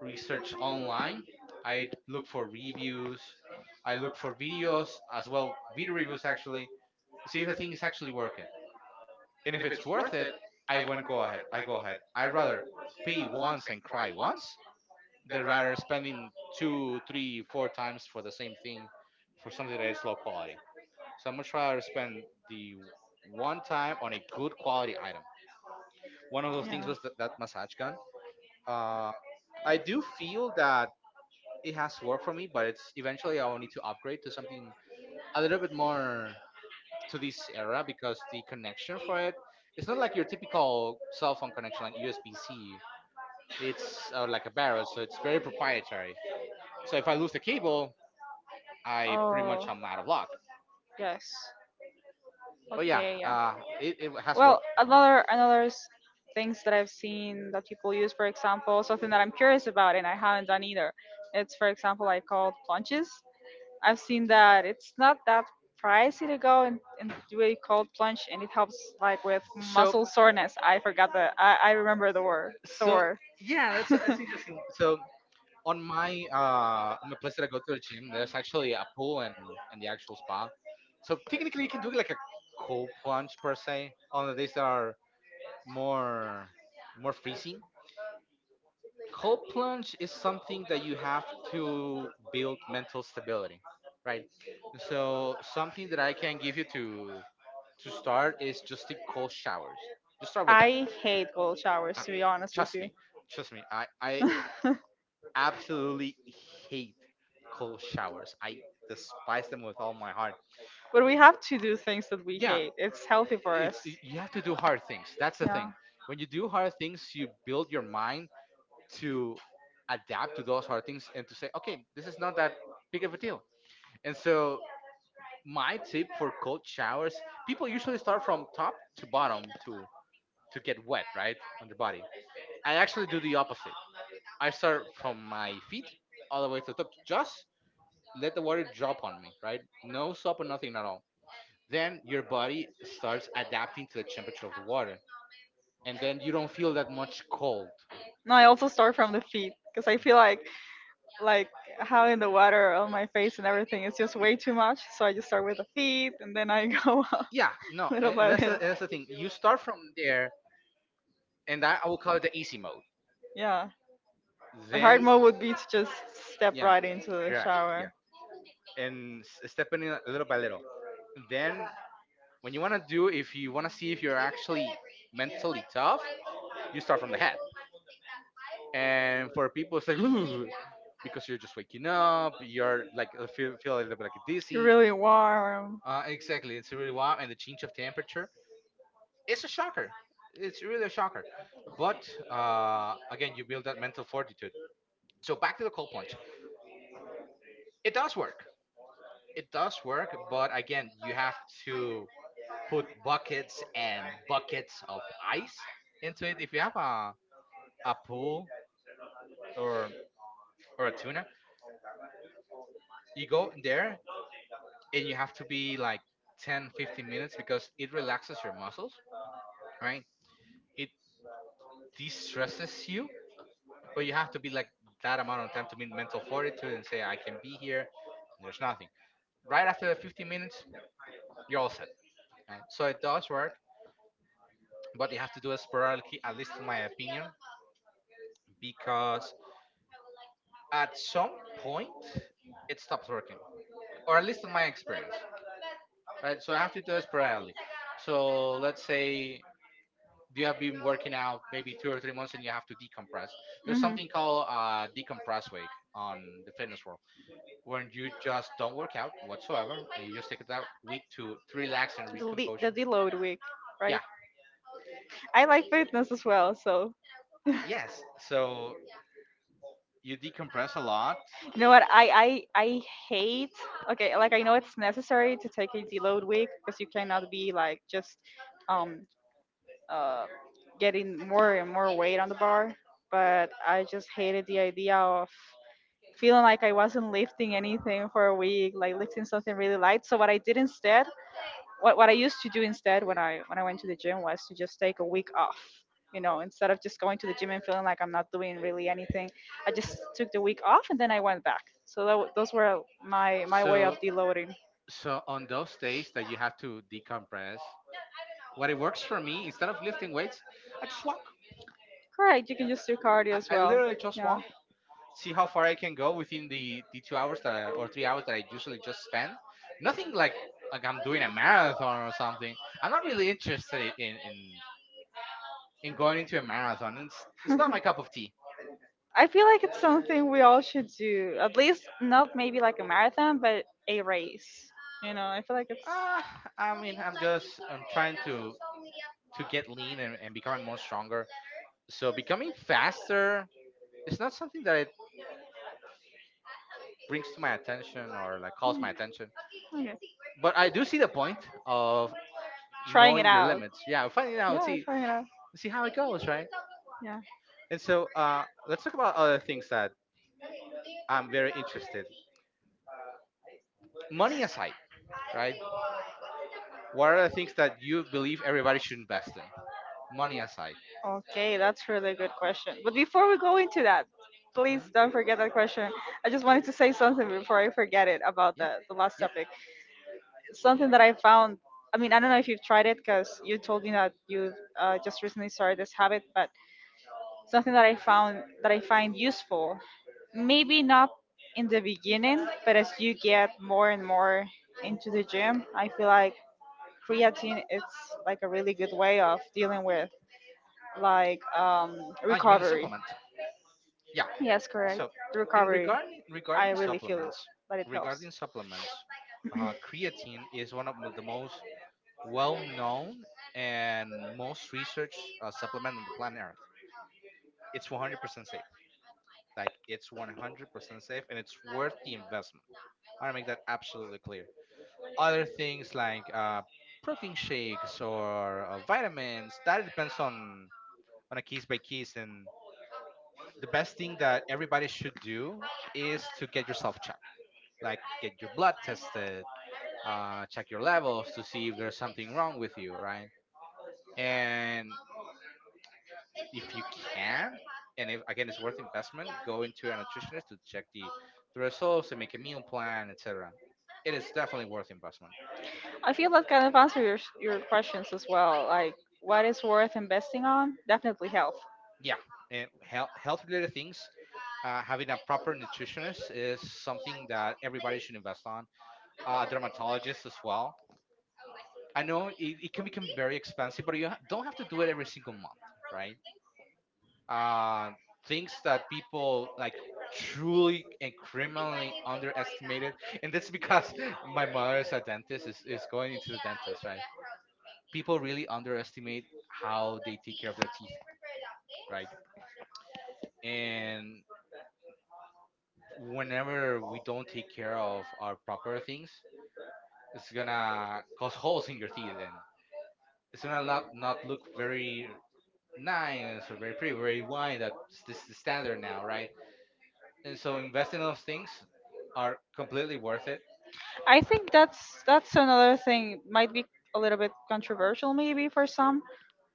[SPEAKER 2] research online. I look for reviews. I look for videos as well, video reviews actually, to see if the thing is actually working. And if it's worth it, I won't go ahead. I go ahead. I'd rather pay once and cry once than rather spending 2, 3, 4 times for the same thing, for something that is low quality. So I'm much rather spend the one time on a good quality item. One of those
[SPEAKER 1] Yeah.
[SPEAKER 2] things was that massage gun.
[SPEAKER 1] Yeah.
[SPEAKER 2] Uh, I do feel that it has worked for me, but it's eventually I will need to upgrade to something a little bit more to this era, because the connection for it, it's not like your typical cell phone connection, like USB C. It's like a barrel, so it's very proprietary. So if I lose the cable, I pretty much
[SPEAKER 1] Oh,
[SPEAKER 2] am out of luck.
[SPEAKER 1] yes.
[SPEAKER 2] But yeah,
[SPEAKER 1] Okay, yeah.
[SPEAKER 2] it has
[SPEAKER 1] Well,
[SPEAKER 2] worked for Mark.
[SPEAKER 1] things that I've seen that people use, for example, something that I'm curious about and I haven't done either. It's for example like called plunges. I've seen that it's not that pricey to go and do a cold plunge and it helps like with
[SPEAKER 2] So
[SPEAKER 1] muscle soreness. I remember the word
[SPEAKER 2] so,
[SPEAKER 1] sore.
[SPEAKER 2] yeah, that's a,
[SPEAKER 1] [laughs]
[SPEAKER 2] so on my place that I go to a gym, there's actually a pool and the actual spa. So technically, you can do like a cold plunge per se. Only these are more more freezing. Cold plunge is something that you have to build mental stability, right? So something that I can give you to start is just take cold showers. Just
[SPEAKER 1] That.
[SPEAKER 2] start with that.
[SPEAKER 1] I hate cold showers
[SPEAKER 2] Uh,
[SPEAKER 1] to be honest with
[SPEAKER 2] trust
[SPEAKER 1] you.
[SPEAKER 2] me, trust me. I
[SPEAKER 1] [laughs] Them.
[SPEAKER 2] absolutely hate cold showers. I despise them with all my heart.
[SPEAKER 1] But we have to do things that we
[SPEAKER 2] Yeah,
[SPEAKER 1] hate. It's healthy for us.
[SPEAKER 2] you have to do hard things. That's the
[SPEAKER 1] Yeah.
[SPEAKER 2] thing. When you do hard things, you build your mind to adapt to those hard things, and to say, okay, this is not that big of a deal. And so my tip for cold showers, people usually start from top to bottom to get wet, right, on the body. I actually do the opposite. I start from my feet all the way to the top, just let the water drop on me, right? No soap or nothing at all. Then your body starts adapting to the temperature of the water, and then you don't feel that much cold.
[SPEAKER 1] No, I also start from the feet because I feel like having the water on my face and everything is just way too much. So I just start with the feet and then I go [laughs] up
[SPEAKER 2] Yeah, no,
[SPEAKER 1] little
[SPEAKER 2] and
[SPEAKER 1] by little.
[SPEAKER 2] that's the thing. You start from there, and that I will call it the easy mode.
[SPEAKER 1] Yeah. The hard
[SPEAKER 2] Then,
[SPEAKER 1] mode would be to just step
[SPEAKER 2] yeah,
[SPEAKER 1] right into the
[SPEAKER 2] yeah, yeah,
[SPEAKER 1] shower.
[SPEAKER 2] and stepping in little by little. Then, when you want to do, if you want to see if you're actually mentally tough, you start from the head. And for people it's like, ooh, because you're just waking up,
[SPEAKER 1] You're
[SPEAKER 2] you're like, feel a little bit like dizzy.
[SPEAKER 1] really warm.
[SPEAKER 2] Exactly, it's really warm, and the change of temperature, it's a shocker. It's really a shocker. But again, you build that mental fortitude. So back to the cold plunge, it does work. It does work, but again, you have to put buckets and buckets of ice into it. If you have a pool, or a tuna, you go in there, and you have to be like 10-15 minutes, because it relaxes your muscles, right? It de-stresses you. But you have to be like that amount of time to meet mental fortitude and say, I can be here, and there's nothing. Right after the 15 minutes, you're all set, right? So it does work, but you have to do it sporadically, at least in my opinion, because at some point it stops working, or at least in my experience, right? So I have to do it sporadically. So let's say you have been working out maybe 2 or 3 months, and you have to decompress. There's
[SPEAKER 1] Mhm.
[SPEAKER 2] something called decompress week on the fitness world, when you just don't work out whatsoever, and you just take that week to relax and
[SPEAKER 1] The
[SPEAKER 2] recomposure.
[SPEAKER 1] deload week,
[SPEAKER 2] Yeah,
[SPEAKER 1] right? I like fitness as well, so [laughs]
[SPEAKER 2] yes. So you decompress a lot.
[SPEAKER 1] you know what, I hate okay, like I know it's necessary to take a deload week because you cannot be like just um uh getting more and more weight on the bar. But I just hated the idea of feeling like I wasn't lifting anything for a week, like lifting something really light. So what I did instead what I used to do instead when I went to the gym was to just take a week off. You know, instead of just going to the gym and feeling like I'm not doing really anything, I just took the week off and then I went back. So those were my my way of
[SPEAKER 2] so
[SPEAKER 1] deloading.
[SPEAKER 2] so on those days that you have to decompress, what it works for me instead of lifting weights, I just walk.
[SPEAKER 1] Correct. You can just do cardio
[SPEAKER 2] i,
[SPEAKER 1] as
[SPEAKER 2] I
[SPEAKER 1] well.
[SPEAKER 2] literally just
[SPEAKER 1] Yeah.
[SPEAKER 2] walk, see how far I can go within the 2 hours that or 3 hours that I usually just spend. Nothing like I'm doing a marathon or something. I'm not really interested in going into a marathon. It's not my
[SPEAKER 1] [laughs]
[SPEAKER 2] cup of tea.
[SPEAKER 1] I feel like it's something we all should do. At least not maybe like a marathon, but a race. You know, I feel like it's
[SPEAKER 2] Uh, I mean, I'm trying to get lean, and becoming more stronger. So becoming faster is not something that it brings to my attention, or like calls my attention.
[SPEAKER 1] okay.
[SPEAKER 2] But I do see the point of
[SPEAKER 1] Trying it
[SPEAKER 2] knowing your
[SPEAKER 1] out.
[SPEAKER 2] limits. Yeah, finding out,
[SPEAKER 1] Yeah,
[SPEAKER 2] see
[SPEAKER 1] trying it out.
[SPEAKER 2] see how it goes, right?
[SPEAKER 1] Yeah.
[SPEAKER 2] And so let's talk about other things that I'm very interested. Money aside, right? What are the things that you believe everybody should invest in? Money aside.
[SPEAKER 1] Okay, that's really good question. But before we go into that, please
[SPEAKER 2] Hmm.
[SPEAKER 1] don't forget that question. I just wanted to say something before I forget it about
[SPEAKER 2] Yeah,
[SPEAKER 1] the last
[SPEAKER 2] yeah.
[SPEAKER 1] topic. Something that I found, I mean, I don't know if you've tried it because you told me that you just recently started this habit, but something that I found that I find useful, maybe not in the beginning, but as you get more and more into the gym, I feel like creatine it's like a really good way of dealing with like
[SPEAKER 2] Ah, you mean the
[SPEAKER 1] recovery.
[SPEAKER 2] supplement? Yeah.
[SPEAKER 1] Yes, correct.
[SPEAKER 2] So,
[SPEAKER 1] The
[SPEAKER 2] in
[SPEAKER 1] recovery.
[SPEAKER 2] regarding
[SPEAKER 1] I
[SPEAKER 2] regarding
[SPEAKER 1] really feel
[SPEAKER 2] supplements,
[SPEAKER 1] that it helps.
[SPEAKER 2] regarding supplements, creatine is one of the most well-known and most researched supplement on the planet Earth. It's 100% safe. Like, it's 100% safe, and it's worth the investment. I want to make that absolutely clear. Other things like protein shakes, or vitamins, that depends on a case by case. And the best thing that everybody should do is to get yourself checked, like get your blood tested, check your levels to see if there's something wrong with you, right? And if you can, and if, again, it's worth investment, go into a nutritionist to check the results and make a meal plan, etc. It is definitely worth investment.
[SPEAKER 1] I feel that kind of answer your questions as well. Like what is worth investing on? Definitely health.
[SPEAKER 2] Yeah, and health related things, having a proper nutritionist is something that everybody should invest on. A dermatologist as well. I know it can become very expensive, but you don't have to do it every single month, right? Uh, things that people like truly and criminally underestimated, and that's because [laughs] my mother is a dentist. Is going into the dentist, right? People really underestimate how they take care of their teeth, right? And whenever we don't take care of our proper things, it's gonna cause holes in your teeth, and it's gonna not look very nice, or very pretty, very wide. That's this the standard now, right? And so investing in those things are completely worth it.
[SPEAKER 1] I think that's another thing might be a little bit controversial maybe for some.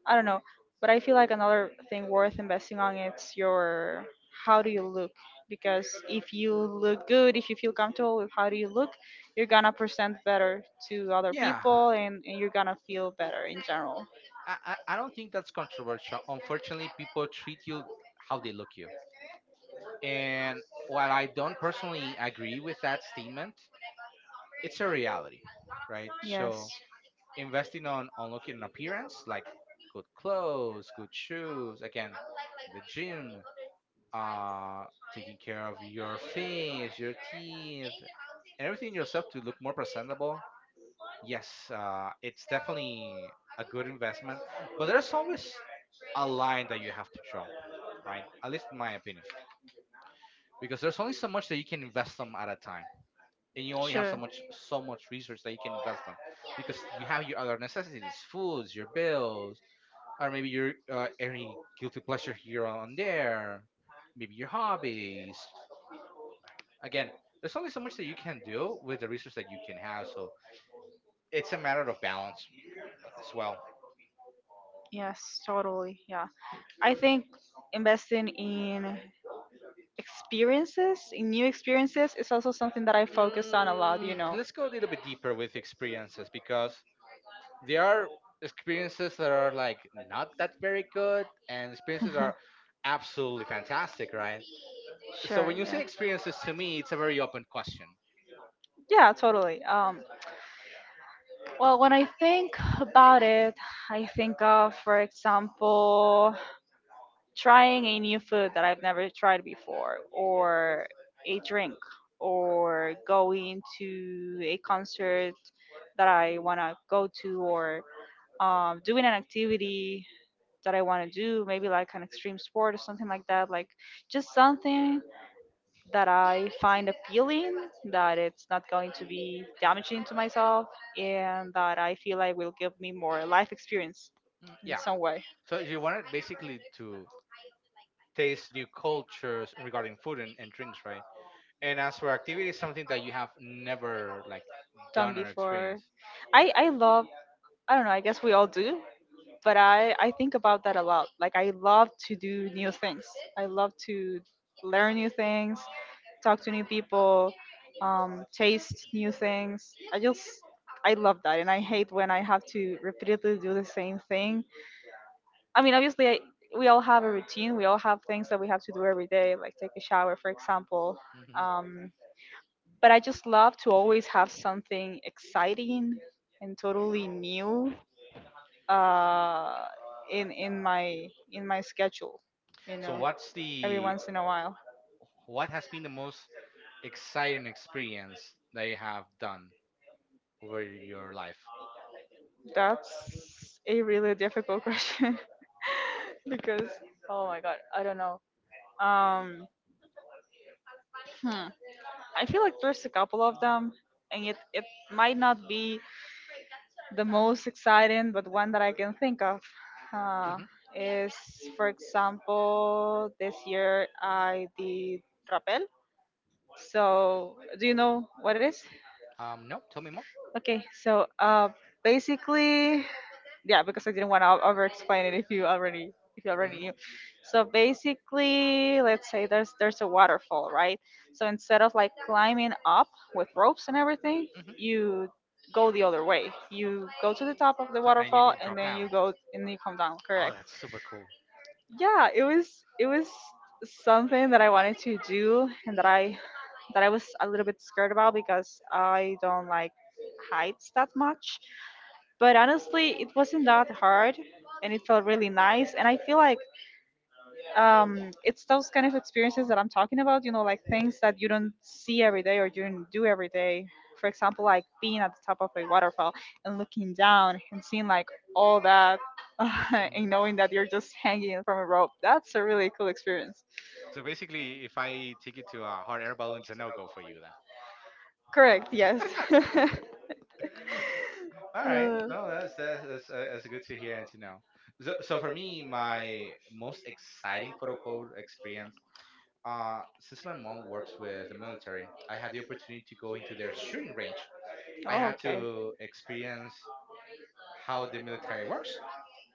[SPEAKER 1] I don't know. But I feel like another thing worth investing on it's your how do you look? Because if you look good, if you feel comfortable with how do you look, you're gonna present better to other
[SPEAKER 2] Yeah,
[SPEAKER 1] people and you're gonna feel better in general.
[SPEAKER 2] I don't think that's controversial. Unfortunately, people treat you how they look you, and while I don't personally agree with that statement, it's a reality, right?
[SPEAKER 1] Yes.
[SPEAKER 2] So investing on looking an appearance, like good clothes, good shoes, again, the gym, uh taking care of your face, your teeth, and everything yourself to look more presentable. Yes, it's definitely a good investment, but there's always a line that you have to draw, right, at least in my opinion, because there's only so much that you can invest on at a time. And you only have so
[SPEAKER 1] Sure.
[SPEAKER 2] much so much research that you can invest on, because you have your other necessities, foods, your bills, or maybe your any guilty pleasure here on there, maybe your hobbies. Again, there's only so much that you can do with the resource that you can have, so it's a matter of balance as well.
[SPEAKER 1] Yes, totally. Yeah. I think investing in experiences, in new experiences, is also something that I focus on a lot, you know.
[SPEAKER 2] Let's go a little bit deeper with experiences, because there are experiences that are like not that very good, and experiences that are
[SPEAKER 1] [laughs]
[SPEAKER 2] absolutely fantastic, right? So
[SPEAKER 1] Sure.
[SPEAKER 2] when you say
[SPEAKER 1] Yeah.
[SPEAKER 2] experiences to me, it's a very open question.
[SPEAKER 1] Yeah, totally. Well, when I think about it, I think of, for example, trying a new food that I've never tried before, or a drink, or going to a concert that I want to go to, or doing an activity that I want to do, maybe like an extreme sport or something like that. Like just something that I find appealing, that it's not going to be damaging to myself, and that I feel like will give me more life experience
[SPEAKER 2] Mm,
[SPEAKER 1] in
[SPEAKER 2] yeah.
[SPEAKER 1] some way
[SPEAKER 2] So you wanted basically to taste new cultures regarding food and drinks, right? And as for activities, something that you have never like
[SPEAKER 1] done
[SPEAKER 2] done or
[SPEAKER 1] before.
[SPEAKER 2] experienced.
[SPEAKER 1] I love I don't know, I guess we all do, but I think about that a lot. Like I love to do new things. I love to learn new things, talk to new people, taste new things. I just I love that, and I hate when I have to repeatedly do the same thing. I mean, obviously, we all have a routine. We all have things that we have to do every day, like take a shower, for example.
[SPEAKER 2] Mhm.
[SPEAKER 1] Um, but I just love to always have something exciting and totally new uh, in in my schedule, you
[SPEAKER 2] So
[SPEAKER 1] know, every once in a while.
[SPEAKER 2] what has been the most exciting experience that you have done over your life?
[SPEAKER 1] That's a really difficult [laughs] question [laughs] because oh my god, I don't know. Um, hmm, I feel like there's a couple of them, and it might not be the most exciting, but one that I can think of uh,
[SPEAKER 2] Hmm.
[SPEAKER 1] is, for example, this year I did rappel. So, do you know what it is?
[SPEAKER 2] No, tell me more.
[SPEAKER 1] Okay, so basically, yeah, because I didn't want to over explain it if you already knew.
[SPEAKER 2] Hmm.
[SPEAKER 1] So basically, let's say there's a waterfall, right? So instead of like climbing up with ropes and everything,
[SPEAKER 2] Hmm.
[SPEAKER 1] you go the other way. You go to the top of the
[SPEAKER 2] Top, and you
[SPEAKER 1] waterfall
[SPEAKER 2] go
[SPEAKER 1] and
[SPEAKER 2] drop
[SPEAKER 1] then
[SPEAKER 2] down.
[SPEAKER 1] you go and you come down.
[SPEAKER 2] Oh,
[SPEAKER 1] Correct.
[SPEAKER 2] that's super cool.
[SPEAKER 1] Yeah, it was something that I wanted to do and that I was a little bit scared about because I don't like heights that much but honestly it wasn't that hard and it felt really nice and I feel like it's those kind of experiences that I'm talking about you know like things that you don't see every day or you don't do every day for example like being at the top of a waterfall and looking down and seeing like all that [laughs] and
[SPEAKER 2] Mhm.
[SPEAKER 1] knowing that you're just hanging from a rope that's a really cool experience
[SPEAKER 2] So basically, if I take it to a hot air balloon, it's a no go for you then.
[SPEAKER 1] correct yes [laughs]
[SPEAKER 2] [laughs] All right.
[SPEAKER 1] Uh,
[SPEAKER 2] No, that's that's good to hear and to know. So for me, my most exciting quote unquote experience, since my mom works with the military, I had the opportunity to go into their shooting range. I
[SPEAKER 1] oh,
[SPEAKER 2] had
[SPEAKER 1] okay
[SPEAKER 2] to experience how the military works,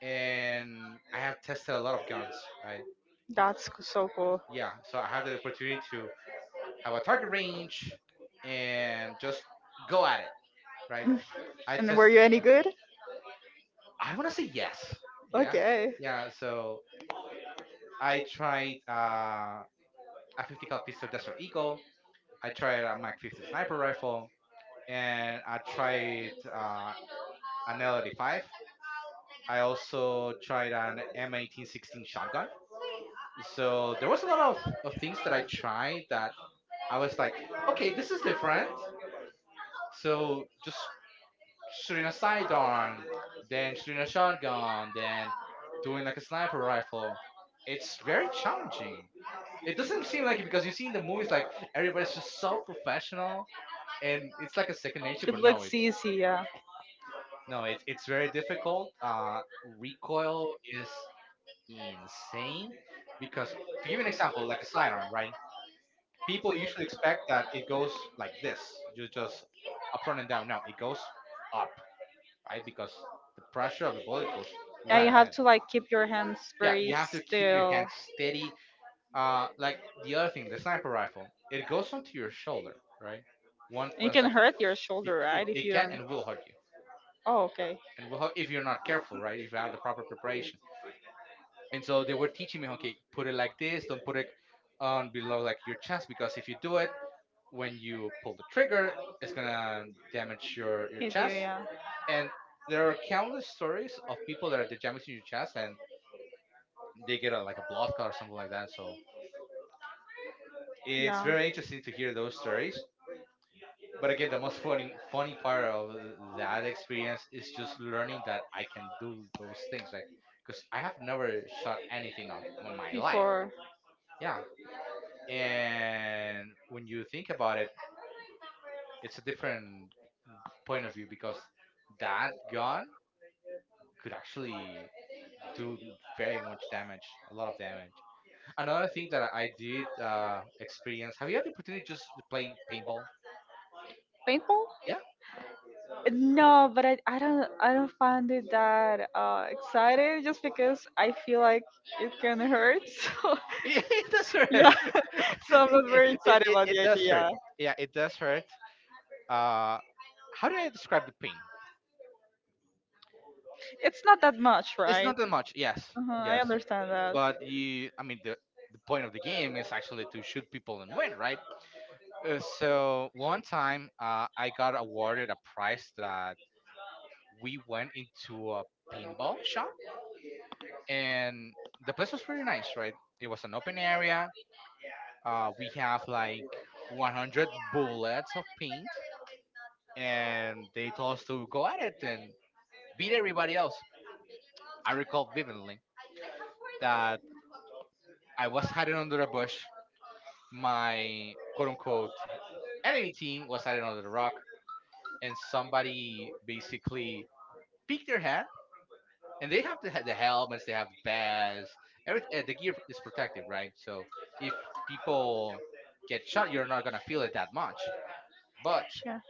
[SPEAKER 2] and I have tested a lot of guns. Right. You-
[SPEAKER 1] that's so cool.
[SPEAKER 2] Yeah. So I had the opportunity to have a target range and just go at it. Right. I
[SPEAKER 1] [laughs] And were
[SPEAKER 2] tested.
[SPEAKER 1] you any good?
[SPEAKER 2] I want to say yes. Yeah.
[SPEAKER 1] Okay.
[SPEAKER 2] Yeah. So I tried a 50 cal pistol Desert Eagle. I tried a Mac 50 sniper rifle, and I tried an L85. I also tried an M1816 shotgun. So there was a lot of things that I tried that I was like, okay, this is different. So just shooting a sidearm, then shooting a shotgun, then doing like a sniper rifle. It's very challenging. It doesn't seem like it because you see in the movies like everybody's just so professional and it's like a second nature,
[SPEAKER 1] It
[SPEAKER 2] but no,
[SPEAKER 1] looks
[SPEAKER 2] it's
[SPEAKER 1] easy, yeah.
[SPEAKER 2] no, it's very difficult. Recoil is insane because to give you an example, like a sidearm, right? People usually expect that it goes like this, you just up front and down. No, it goes up, right? Because the pressure of the bullet goes
[SPEAKER 1] And
[SPEAKER 2] right
[SPEAKER 1] you have
[SPEAKER 2] ahead.
[SPEAKER 1] to like keep your hands
[SPEAKER 2] Yeah, you
[SPEAKER 1] very
[SPEAKER 2] have to keep your
[SPEAKER 1] still.
[SPEAKER 2] hand steady. Like the other thing, the sniper rifle, it goes onto your shoulder, right? One
[SPEAKER 1] And it
[SPEAKER 2] point
[SPEAKER 1] can
[SPEAKER 2] section.
[SPEAKER 1] hurt your shoulder, right? If
[SPEAKER 2] It
[SPEAKER 1] you
[SPEAKER 2] can
[SPEAKER 1] don't.
[SPEAKER 2] and will hurt you,
[SPEAKER 1] Oh, okay.
[SPEAKER 2] and will hurt if you're not careful, right? If you have the proper preparation. And so they were teaching me, okay, put it like this. Don't put it on below like your chest because if you do it, when you pull the trigger, it's gonna damage your
[SPEAKER 1] Hit you,
[SPEAKER 2] chest.
[SPEAKER 1] yeah.
[SPEAKER 2] And there are countless stories of people that are they're damaging your chest and they get a, like a blood clot or something like that. So it's
[SPEAKER 1] Yeah.
[SPEAKER 2] very interesting to hear those stories. But again, the most funny part of that experience is just learning that I can do those things, like because I have never shot anything on my life.
[SPEAKER 1] Before
[SPEAKER 2] Yeah. And when you think about it, it's a different point of view because that gun could actually do very much damage, a lot of damage. Another thing that I did experience, have you had the opportunity just to play paintball?
[SPEAKER 1] paintball?
[SPEAKER 2] Yeah.
[SPEAKER 1] No, but I don't I don't find it that excited just because I feel like it can hurt. [laughs] So
[SPEAKER 2] [laughs] Yeah, it does hurt.
[SPEAKER 1] Yeah, [laughs]
[SPEAKER 2] [laughs]
[SPEAKER 1] so I'm not
[SPEAKER 2] it,
[SPEAKER 1] very
[SPEAKER 2] it,
[SPEAKER 1] excited
[SPEAKER 2] it,
[SPEAKER 1] about
[SPEAKER 2] it
[SPEAKER 1] the
[SPEAKER 2] does hurt.
[SPEAKER 1] idea.
[SPEAKER 2] Yeah, it does hurt. Uh, how do I describe the pain?
[SPEAKER 1] It's not that much,
[SPEAKER 2] It's
[SPEAKER 1] right?
[SPEAKER 2] not that much. Yes,
[SPEAKER 1] Uh-huh, I
[SPEAKER 2] yes.
[SPEAKER 1] understand that.
[SPEAKER 2] But you, I mean, the point of the game is actually to shoot people and win, right? So one time, I got awarded a prize that we went into a paintball shop, and the place was pretty nice, right? It was an open area. We have like 100 bullets of paint and they told us to go at it and beat everybody else. I recall vividly that I was hiding under a bush. My quote unquote enemy team was hiding under the rock, and somebody basically peeked their head. And they have the helmets, they have the pads, everything. The gear is protective, right? So if people get shot, you're not gonna feel it that much. But
[SPEAKER 1] Yeah.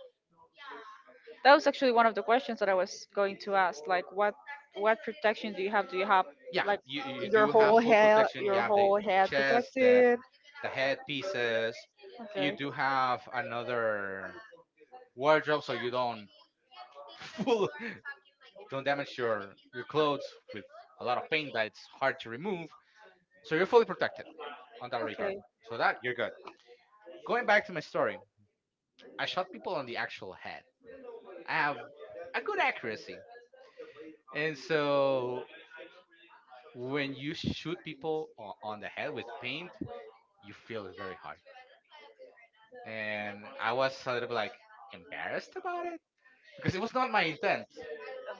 [SPEAKER 1] That was actually one of the questions that I was going to ask. Like, what protection do you have? Do you have
[SPEAKER 2] yeah,
[SPEAKER 1] like
[SPEAKER 2] you do have full protection. You
[SPEAKER 1] Your
[SPEAKER 2] have the
[SPEAKER 1] whole head
[SPEAKER 2] chest, the
[SPEAKER 1] protected.
[SPEAKER 2] the headpieces. You
[SPEAKER 1] Okay,
[SPEAKER 2] do have another wardrobe, so you don't [laughs] full don't damage your clothes with a lot of paint that it's hard to remove. So you're fully protected on that regard.
[SPEAKER 1] okay?
[SPEAKER 2] So that you're good. Going back to my story, I shot people on the actual head. I have a good accuracy, and so when you shoot people on the head with paint, you feel it very hard. And I was a little bit like embarrassed about it because it was not my intent.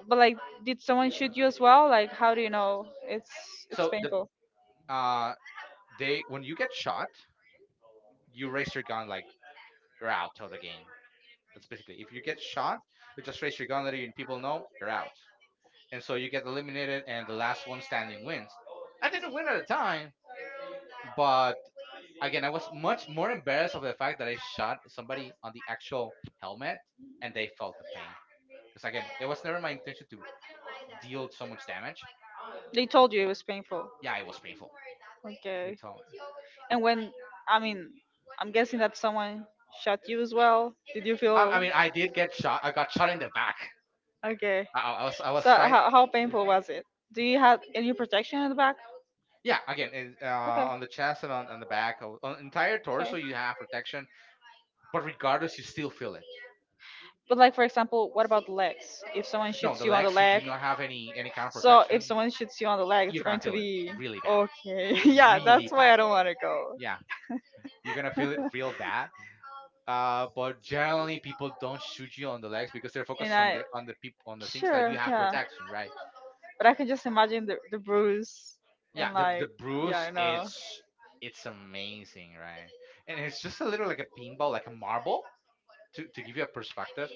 [SPEAKER 1] But like, did someone shoot you as well? Like, how do you know? It's
[SPEAKER 2] So
[SPEAKER 1] painful.
[SPEAKER 2] uh they when you get shot, you raise your gun like you're out of the game. That's basically if you get shot, you just raise your gun and people know you're out. And so you get eliminated and the last one standing wins. I didn't win at the time, but again I was much more embarrassed of the fact that I shot somebody on the actual helmet and they felt the pain. Because again, it was never my intention to deal so much damage.
[SPEAKER 1] They told you it was painful.
[SPEAKER 2] Yeah, it was painful. They
[SPEAKER 1] Okay.
[SPEAKER 2] told
[SPEAKER 1] And when, I mean, I'm guessing that someone shot you as well. Did you feel
[SPEAKER 2] I mean, I did get shot. I got shot in the back.
[SPEAKER 1] okay?
[SPEAKER 2] I, I I was I
[SPEAKER 1] So
[SPEAKER 2] was trying.
[SPEAKER 1] how painful was it? Do you have any protection in the back?
[SPEAKER 2] Yeah, again, in, on the chest and on the back, on entire torso,
[SPEAKER 1] Okay.
[SPEAKER 2] you have protection. But regardless, you still feel it.
[SPEAKER 1] But like for example, what about the legs? If someone no,
[SPEAKER 2] No,
[SPEAKER 1] shoots
[SPEAKER 2] the
[SPEAKER 1] you on the
[SPEAKER 2] legs, you do
[SPEAKER 1] leg,
[SPEAKER 2] not have any kind of
[SPEAKER 1] so if
[SPEAKER 2] protection.
[SPEAKER 1] someone shoots you on the leg, it's
[SPEAKER 2] You're gonna
[SPEAKER 1] going to
[SPEAKER 2] feel it
[SPEAKER 1] be
[SPEAKER 2] really bad,
[SPEAKER 1] really okay. [laughs] Yeah, that's
[SPEAKER 2] really
[SPEAKER 1] why
[SPEAKER 2] bad.
[SPEAKER 1] I don't want to go.
[SPEAKER 2] Yeah, you're gonna feel it real
[SPEAKER 1] [laughs]
[SPEAKER 2] bad. But generally, people don't shoot you on the legs because they're
[SPEAKER 1] And
[SPEAKER 2] focused on
[SPEAKER 1] I
[SPEAKER 2] the people on the things that
[SPEAKER 1] sure,
[SPEAKER 2] you have
[SPEAKER 1] yeah.
[SPEAKER 2] protection, right?
[SPEAKER 1] But I can just imagine the bruise
[SPEAKER 2] Yeah,
[SPEAKER 1] and
[SPEAKER 2] the
[SPEAKER 1] like
[SPEAKER 2] the
[SPEAKER 1] yeah,
[SPEAKER 2] bruise,
[SPEAKER 1] I know.
[SPEAKER 2] it's amazing, right? And it's just a little like a pinball, like a marble, to give you a perspective,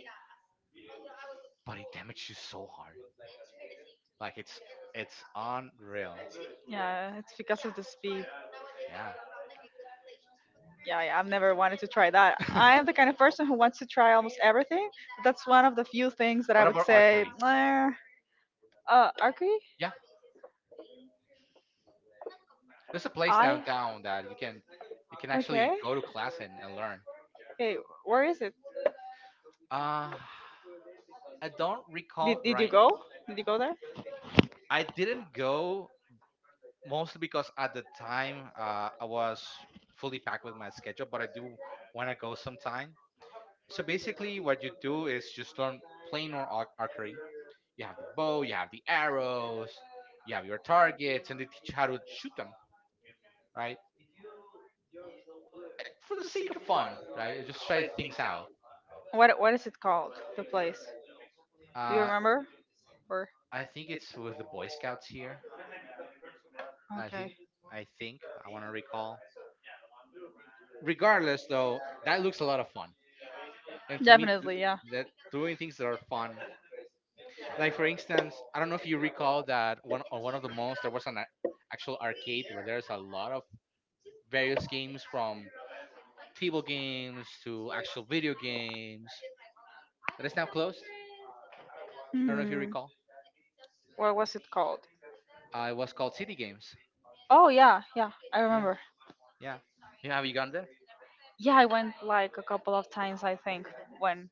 [SPEAKER 2] but it damaged you so hard, like it's unreal.
[SPEAKER 1] Yeah, it's because of the speed.
[SPEAKER 2] Yeah.
[SPEAKER 1] Yeah, yeah, I've never wanted to try that. I am
[SPEAKER 2] [laughs]
[SPEAKER 1] the kind of person who wants to try almost everything. But that's one of the few things that I
[SPEAKER 2] What
[SPEAKER 1] would
[SPEAKER 2] about
[SPEAKER 1] say.
[SPEAKER 2] archery?
[SPEAKER 1] "Nah." Arcade?
[SPEAKER 2] Yeah, there's a place
[SPEAKER 1] I.
[SPEAKER 2] downtown that you can
[SPEAKER 1] Okay.
[SPEAKER 2] actually go to class and learn.
[SPEAKER 1] Hey, where is it?
[SPEAKER 2] Uh, I don't recall,
[SPEAKER 1] Did you
[SPEAKER 2] right?
[SPEAKER 1] go? Did you go there?
[SPEAKER 2] I didn't go mostly because at the time, I was fully packed with my schedule, but I do want to go sometime. So basically, what you do is just learn archery. You have the bow, you have the arrows, you have your targets, and they teach you how to shoot them, right? For the sake of fun, right? Just try things out.
[SPEAKER 1] What is it called? The place? Do you
[SPEAKER 2] Uh,
[SPEAKER 1] remember? Or
[SPEAKER 2] I think it's with the Boy Scouts here. I think,
[SPEAKER 1] okay.
[SPEAKER 2] I think, I want to recall. Regardless, though, that looks a lot of fun, and to me,
[SPEAKER 1] Definitely, yeah.
[SPEAKER 2] that doing things that are fun, like for instance, I don't know if you recall that one on one of the malls there was an actual arcade where there's a lot of various games from table games to actual video games that is now closed. I don't know if you
[SPEAKER 1] Hmm.
[SPEAKER 2] recall.
[SPEAKER 1] What was it called?
[SPEAKER 2] It was called City Games.
[SPEAKER 1] Oh yeah, yeah, I
[SPEAKER 2] Yeah,
[SPEAKER 1] remember.
[SPEAKER 2] yeah. Yeah, have you gone there?
[SPEAKER 1] Yeah, I went like a couple of times I think when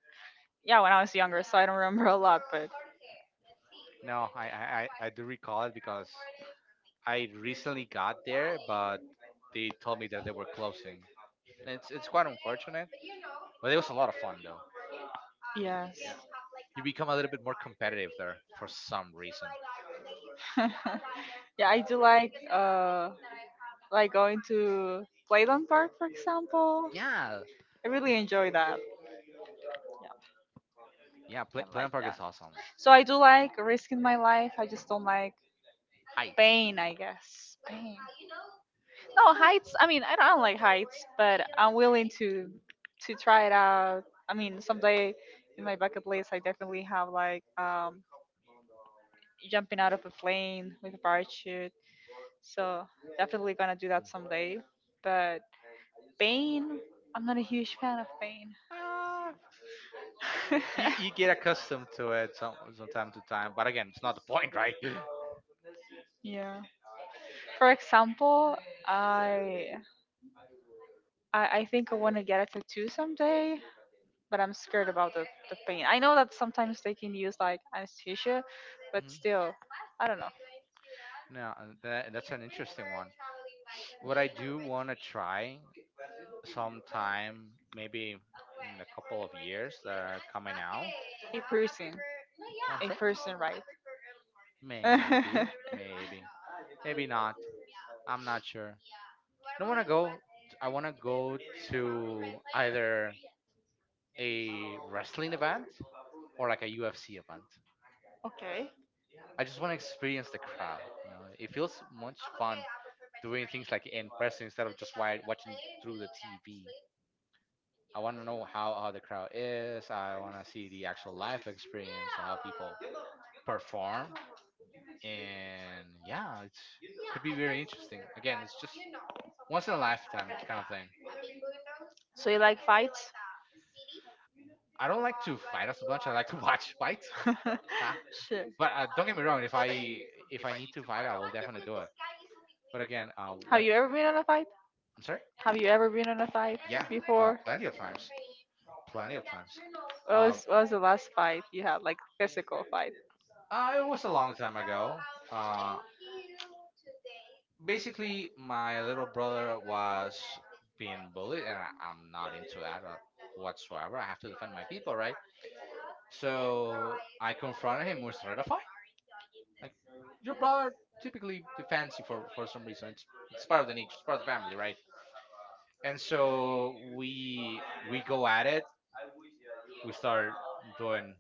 [SPEAKER 1] yeah, when I was younger, so I don't remember [laughs] a lot, but
[SPEAKER 2] No, I do recall it because I recently got there, but they told me that they were closing. It's quite unfortunate, but it was a lot of fun though. It,
[SPEAKER 1] yes.
[SPEAKER 2] yeah, you become a little bit more competitive there for some reason.
[SPEAKER 1] [laughs] Yeah, I do like going to Playland Park for example.
[SPEAKER 2] Yeah,
[SPEAKER 1] I really enjoy that.
[SPEAKER 2] yeah.
[SPEAKER 1] Yeah.
[SPEAKER 2] Planet Park
[SPEAKER 1] Yeah.
[SPEAKER 2] is awesome.
[SPEAKER 1] So I do like risking my life. I just don't like
[SPEAKER 2] Heights.
[SPEAKER 1] pain, I guess. Pain. No heights. I mean, I don't like heights, but I'm willing to try it out. I mean, someday in my bucket list, I definitely have jumping out of a plane with a parachute. So definitely gonna do that
[SPEAKER 2] Mm.
[SPEAKER 1] someday. But Bane, I'm not a huge fan of
[SPEAKER 2] Ah, you get
[SPEAKER 1] Bane.
[SPEAKER 2] accustomed to it some time to time, but again it's not the point, right? [laughs]
[SPEAKER 1] [laughs] Yeah. For example, I I think I want to get a tattoo someday, but I'm scared about the pain. I know that sometimes they can use like anesthesia, but
[SPEAKER 2] Mhm.
[SPEAKER 1] still, I don't know.
[SPEAKER 2] No, and that, that's an interesting one. What I do want to try sometime, maybe in a couple of years that are coming out.
[SPEAKER 1] A person,
[SPEAKER 2] Oh, I'm
[SPEAKER 1] a
[SPEAKER 2] sorry.
[SPEAKER 1] person, right?
[SPEAKER 2] Maybe maybe, maybe not,
[SPEAKER 1] [laughs]
[SPEAKER 2] I'm not sure. i want to go I want to go to either a wrestling event or like a UFC event.
[SPEAKER 1] Okay.
[SPEAKER 2] I just want to experience the crowd, you know, it feels much fun doing things like in person instead of just watching through the TV. I want to know how the crowd is. I want to see the actual live experience, how people perform. And yeah, it's could be very interesting. Again, it's just once in a lifetime kind of thing.
[SPEAKER 1] So you like fights?
[SPEAKER 2] I don't like to fight as much. I like to [laughs] watch fights. [laughs]
[SPEAKER 1] [laughs]
[SPEAKER 2] Ah,
[SPEAKER 1] Shit.
[SPEAKER 2] but don't get me wrong. If I need to fight, I will definitely do it. But again,
[SPEAKER 1] Have
[SPEAKER 2] what?
[SPEAKER 1] you ever been on a fight?
[SPEAKER 2] I'm sorry.
[SPEAKER 1] Have you ever been on a fight
[SPEAKER 2] Yeah,
[SPEAKER 1] before?
[SPEAKER 2] plenty of times. Plenty of times.
[SPEAKER 1] What
[SPEAKER 2] Uh,
[SPEAKER 1] was what was the last fight you had, like physical fight?
[SPEAKER 2] Uh, it was a long time ago. Uh, basically, my little brother was being bullied, and I'm not into that whatsoever. I have to defend my people, right? So I confronted him. We started a fight. Like your brother typically defends you for some reason. It's part of the nature. It's part of the family, right? And so we go at it. We start doing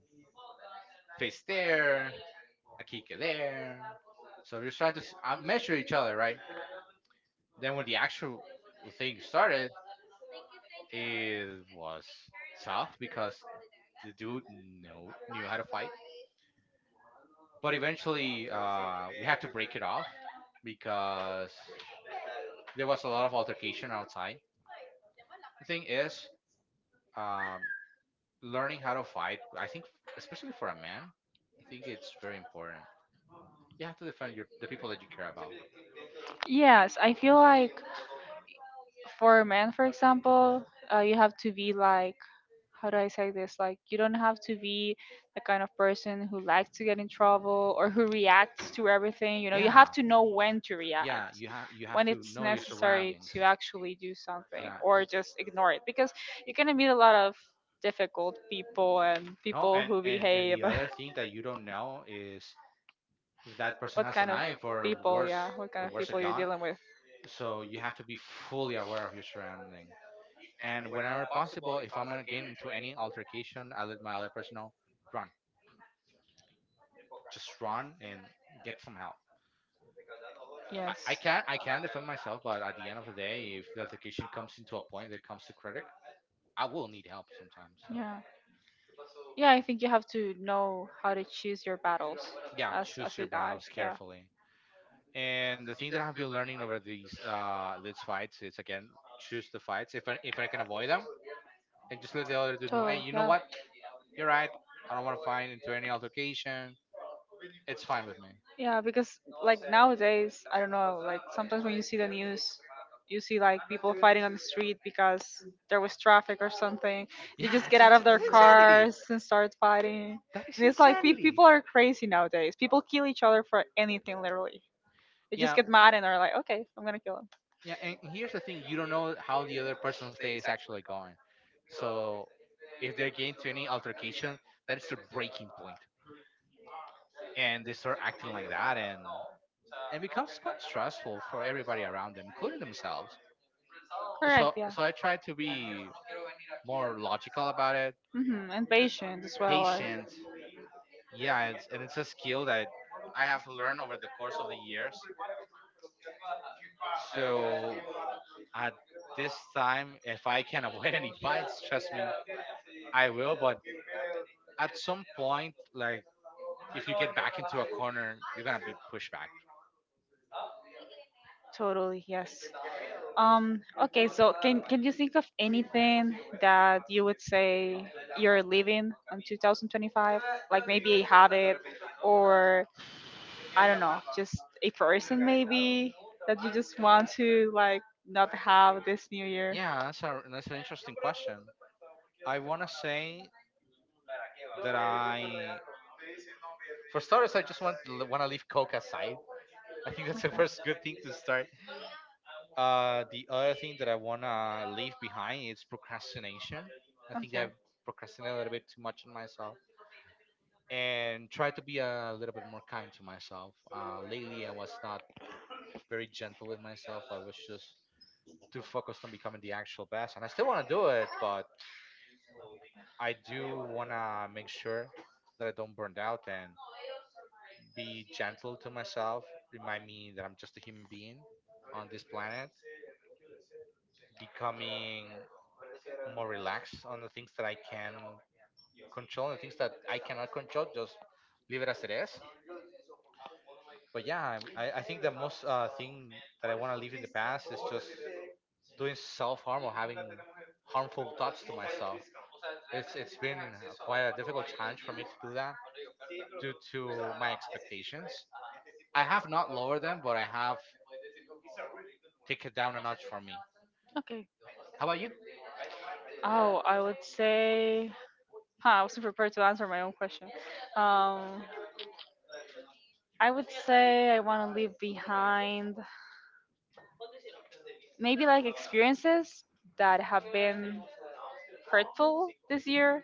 [SPEAKER 2] face there, a kick there. So we're just trying to measure each other, right? Then when the actual thing started, it was tough because the dude knew how to fight. But eventually, we had to break it off because there was a lot of altercation outside. The thing is, um, learning how to fight, I think, especially for a man, I think it's very important. You have to defend your the people that you care about.
[SPEAKER 1] Yes, I feel like for men, for example, you have to be like, how do I say this? Like, you don't have to be the kind of person who likes to get in trouble or who reacts to everything. You know, you have
[SPEAKER 2] Yeah,
[SPEAKER 1] to know when to
[SPEAKER 2] yeah.
[SPEAKER 1] react,
[SPEAKER 2] You
[SPEAKER 1] when
[SPEAKER 2] have to
[SPEAKER 1] it's
[SPEAKER 2] know your
[SPEAKER 1] necessary
[SPEAKER 2] surroundings.
[SPEAKER 1] to actually do something
[SPEAKER 2] Yeah.
[SPEAKER 1] or just ignore it. Because you're going to meet a lot of difficult people and
[SPEAKER 2] No,
[SPEAKER 1] people
[SPEAKER 2] and
[SPEAKER 1] who
[SPEAKER 2] and and
[SPEAKER 1] behave.
[SPEAKER 2] the other thing that
[SPEAKER 1] [laughs]
[SPEAKER 2] you don't know is if that person
[SPEAKER 1] What
[SPEAKER 2] has an
[SPEAKER 1] kind of
[SPEAKER 2] eye for
[SPEAKER 1] people,
[SPEAKER 2] worse
[SPEAKER 1] yeah, what kind
[SPEAKER 2] or
[SPEAKER 1] of
[SPEAKER 2] worse a
[SPEAKER 1] people you're
[SPEAKER 2] gun.
[SPEAKER 1] dealing with.
[SPEAKER 2] So you have to be fully aware of your surrounding. And whenever possible, if I'm gonna get into any altercation, I let my other person know, run, just run and get some help. I,
[SPEAKER 1] Yes.
[SPEAKER 2] I can I can
[SPEAKER 1] Yes.
[SPEAKER 2] defend myself, but at the end of the day, if the altercation comes into a point that comes to critic, I will need help sometimes.
[SPEAKER 1] You know.
[SPEAKER 2] So
[SPEAKER 1] Yeah. Yeah, I think you have to know how to choose your battles
[SPEAKER 2] yeah, choose
[SPEAKER 1] as
[SPEAKER 2] your
[SPEAKER 1] a guy.
[SPEAKER 2] battles
[SPEAKER 1] Yeah.
[SPEAKER 2] carefully. And the thing that I've been learning over these fights is again choose the fights if I can avoid them and just let the other dude know, hey,
[SPEAKER 1] Totally.
[SPEAKER 2] you know
[SPEAKER 1] Yeah.
[SPEAKER 2] what? You're right. I don't want to fight into any altercation. It's fine with me.
[SPEAKER 1] Yeah, because like nowadays, I don't know, like sometimes when you see the news, you see like people fighting on the street because there was traffic or something. They
[SPEAKER 2] Yeah,
[SPEAKER 1] just
[SPEAKER 2] that's,
[SPEAKER 1] get out
[SPEAKER 2] that's
[SPEAKER 1] of
[SPEAKER 2] that's
[SPEAKER 1] their
[SPEAKER 2] insanity.
[SPEAKER 1] cars and start fighting.
[SPEAKER 2] That is
[SPEAKER 1] And it's like pe-
[SPEAKER 2] insanity.
[SPEAKER 1] people are crazy nowadays. People kill each other for anything, literally. They just,
[SPEAKER 2] Yeah,
[SPEAKER 1] yeah, get mad and are like, okay, I'm gonna kill him. So
[SPEAKER 2] yeah. And here's the thing: you don't know how the other person's day is actually going. So if they're getting to any altercation, that is their breaking point, and they start acting like that, and becomes quite stressful for everybody around them, including themselves.
[SPEAKER 1] correct.
[SPEAKER 2] So
[SPEAKER 1] Yeah.
[SPEAKER 2] so I try to be more logical about it,
[SPEAKER 1] Hmm, and patient as well. I-
[SPEAKER 2] patient, and it's a skill that I have learned over the course of the years, so at this time if I can [laughs] avoid any fights, trust me, I will, but at some point, like, if you get back into a corner, you're gonna be pushed back.
[SPEAKER 1] totally, yes. Okay, so can you think of anything that you would say you're living on 2025? Like maybe a habit or I don't know, just a person maybe that you just want to like not have this new year.
[SPEAKER 2] That's an interesting question. I want to say that I, for starters, I just want to leave coke aside. I think that's the [laughs] first good thing to start. The other thing that I wanna leave behind is procrastination. I think
[SPEAKER 1] Okay.
[SPEAKER 2] I've procrastinated a little bit too much on myself and try to be a little bit more kind to myself. Lately, I was not very gentle with myself. I was just too focused on becoming the actual best, and I still wanna do it, but I do wanna make sure that I don't burn out and be gentle to myself. Remind me that I'm just a human being on this planet. Becoming more relaxed on the things that I can control and things that I cannot control, just leave it as it is. But yeah, I think the most thing that I want to leave in the past is just doing self harm or having harmful thoughts to myself. It's been quite a difficult challenge for me to do that due to my expectations. I have not lowered them, but I have taken down a notch for me.
[SPEAKER 1] Okay.
[SPEAKER 2] How about you?
[SPEAKER 1] Oh, I would say, huh, I wasn't prepared to answer my own question. Um, I would say I want to leave behind maybe like experiences that have been hurtful this year.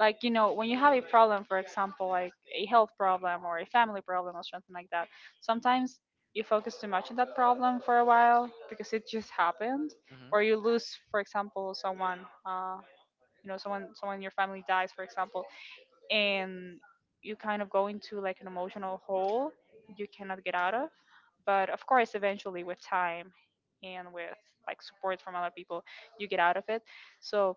[SPEAKER 1] Like, you know, when you have a problem, for example, like a health problem or a family problem or something like that, sometimes you focus too much on that problem for a while because it just happened.
[SPEAKER 2] hmm
[SPEAKER 1] Or you lose, for example, you know, someone in your family dies, for example, and you kind of go into like an emotional hole you cannot get out of. But of course, eventually, with time and with like support from other people, you get out of it. So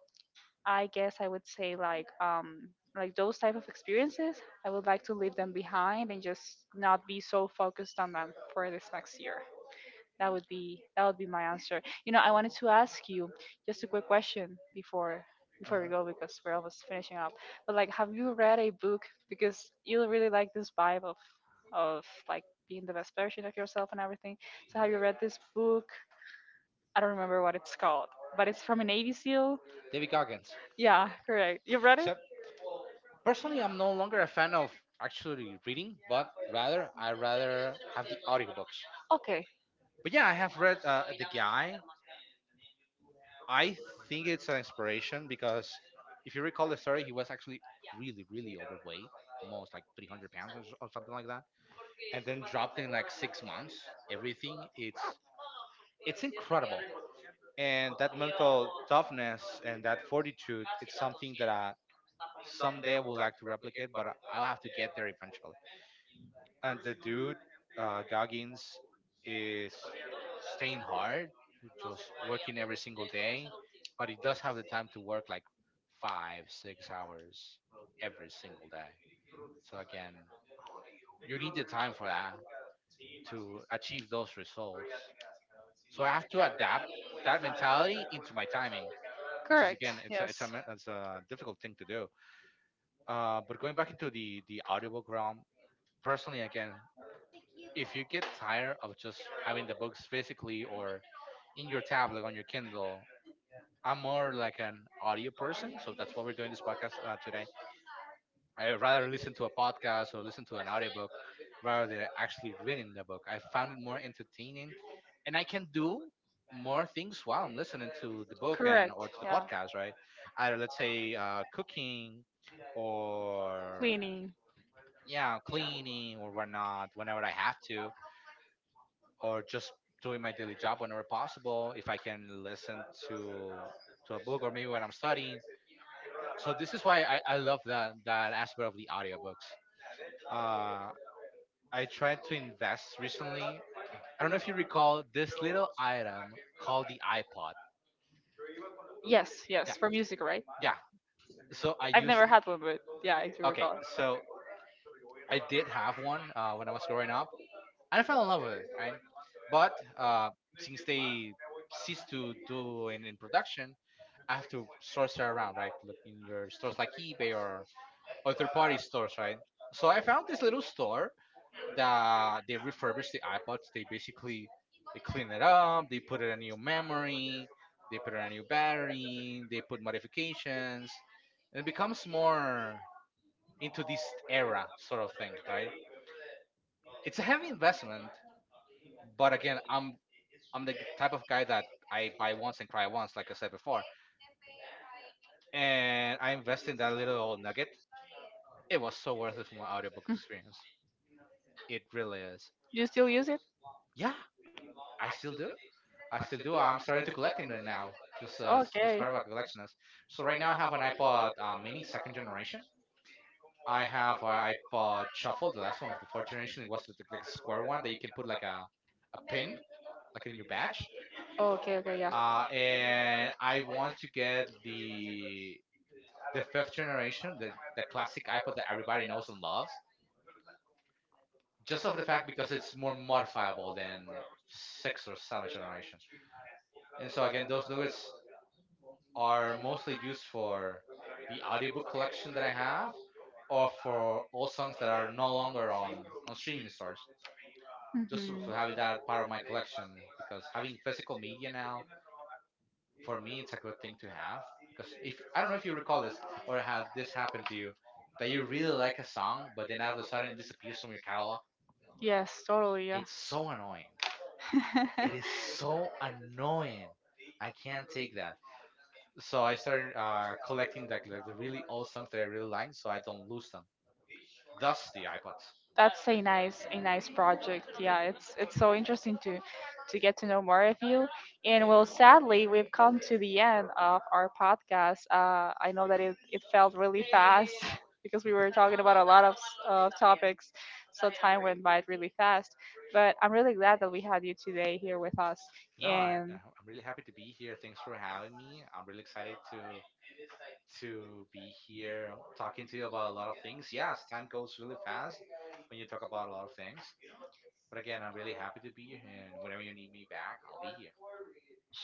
[SPEAKER 1] I guess I would say like those type of experiences, I would like to leave them behind and just not be so focused on them for this next year. That would be my answer. You know, I wanted to ask you just a quick question before we go
[SPEAKER 2] hmm
[SPEAKER 1] because we're almost finishing up. But like, have you read a book because you really like this vibe of like being the best version of yourself and everything. So have you read this book? I don't remember what it's called, but it's from a Navy SEAL.
[SPEAKER 2] David Goggins.
[SPEAKER 1] Yeah, correct. You've read it?
[SPEAKER 2] So personally, I'm no longer a fan of actually reading, but rather I rather have the audiobooks.
[SPEAKER 1] Okay,
[SPEAKER 2] But yeah, I have read The Guy. I think it's an inspiration because, if you recall the story, he was actually really, really overweight, almost like 300 pounds or, or something like that, and then dropped in like 6 months. Everything, it's incredible, and that mental toughness and that fortitude, it's something that I someday I would like to replicate, but I'll have to get there eventually. And the dude, Goggins, is staying hard, just working every single day, but he does have the time to work like 5, 6 hours every single day. So again, you need the time for that to achieve those results. So I have to adapt that mentality into my timing, which is
[SPEAKER 1] correct.
[SPEAKER 2] again,
[SPEAKER 1] Yes,
[SPEAKER 2] it's a difficult thing to do. But going back into the audiobook realm, personally, again, if you get tired of just having the books physically or in your tablet on your Kindle, I'm more like an audio person, so that's why we're doing this podcast today. I rather listen to a podcast or listen to an audiobook rather than actually reading the book. I found it more entertaining, and I can do more things while I'm listening to the book and
[SPEAKER 1] correct.
[SPEAKER 2] or to the
[SPEAKER 1] Yeah,
[SPEAKER 2] podcast, right? Either let's say cooking or
[SPEAKER 1] cleaning.
[SPEAKER 2] yeah, cleaning or whatnot whenever I have to or just doing my daily job whenever possible, if I can listen to a book or maybe when I'm studying. So this is why I love that aspect of the audiobooks. uh, I tried to invest recently. I don't know if you recall this little item called the iPod.
[SPEAKER 1] Yes,
[SPEAKER 2] Yeah,
[SPEAKER 1] yes, for music, right?
[SPEAKER 2] yeah. So I
[SPEAKER 1] I've
[SPEAKER 2] used—
[SPEAKER 1] never had one, but yeah, I do
[SPEAKER 2] okay,
[SPEAKER 1] recall.
[SPEAKER 2] so I did have one when I was growing up and I fell in love with it, right? But since they ceased to do in production, I have to source it around, right? Look in your stores like eBay or other party stores, right? So I found this little store that they refurbish the iPods. They basically they clean it up, they put in a new memory, they put in a new battery, they put modifications, and it becomes more into this era sort of thing, right? It's a heavy investment, but again, I'm the type of guy that I buy once and cry once, like I said before. And I invested in that little old nugget. It was so worth it for my audiobook
[SPEAKER 1] Mm.
[SPEAKER 2] experience. It really is.
[SPEAKER 1] You still use it?
[SPEAKER 2] Yeah, I still do. I still do. I'm starting to collect them now, just as
[SPEAKER 1] Okay.
[SPEAKER 2] part of a collection. So right now I have an iPod Mini second generation. I have an iPod Shuffle, the last one of the fourth generation. It was like a square one that you can put like a pin, like in your badge.
[SPEAKER 1] Okay, okay, yeah.
[SPEAKER 2] And I want to get the fifth generation, the classic iPod that everybody knows and loves, just of the fact because it's more modifiable than sixth or seventh generation. And so again, those nuggets are mostly used for the audiobook collection that I have, or for all songs that are no longer on streaming stores. Just for
[SPEAKER 1] Mhm.
[SPEAKER 2] having that part of my collection, because having physical media now for me it's a good thing to have, because if I don't know if you recall this or had this happen to you, that you really like a song but then out of a sudden it disappears from your catalog.
[SPEAKER 1] Yes, totally, yeah.
[SPEAKER 2] It's so annoying. It is
[SPEAKER 1] [laughs]
[SPEAKER 2] so annoying. I can't take that. So I started collecting like the really old songs that I really like so I don't lose them, thus the iPods.
[SPEAKER 1] That's a nice project. Yeah, it's so interesting to get to know more of you. And well, sadly, we've come to the end of our podcast. I know that it felt really fast [laughs] because we were talking about a lot of of topics, so time went by really fast. But I'm really glad that we had you today here with us.
[SPEAKER 2] No,
[SPEAKER 1] And
[SPEAKER 2] I'm really happy to be here, thanks for having me. I'm really excited to be here talking to you about a lot of things. Yes, time goes really fast when you talk about a lot of things. But again, I'm really happy to be here, and whenever you need me back, I'll be here.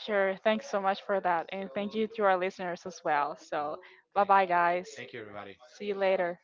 [SPEAKER 1] sure, thanks so much for that, and thank you to our listeners as well.
[SPEAKER 2] Uh,
[SPEAKER 1] So, bye
[SPEAKER 2] thank
[SPEAKER 1] bye, guys.
[SPEAKER 2] thank you, everybody.
[SPEAKER 1] See you later.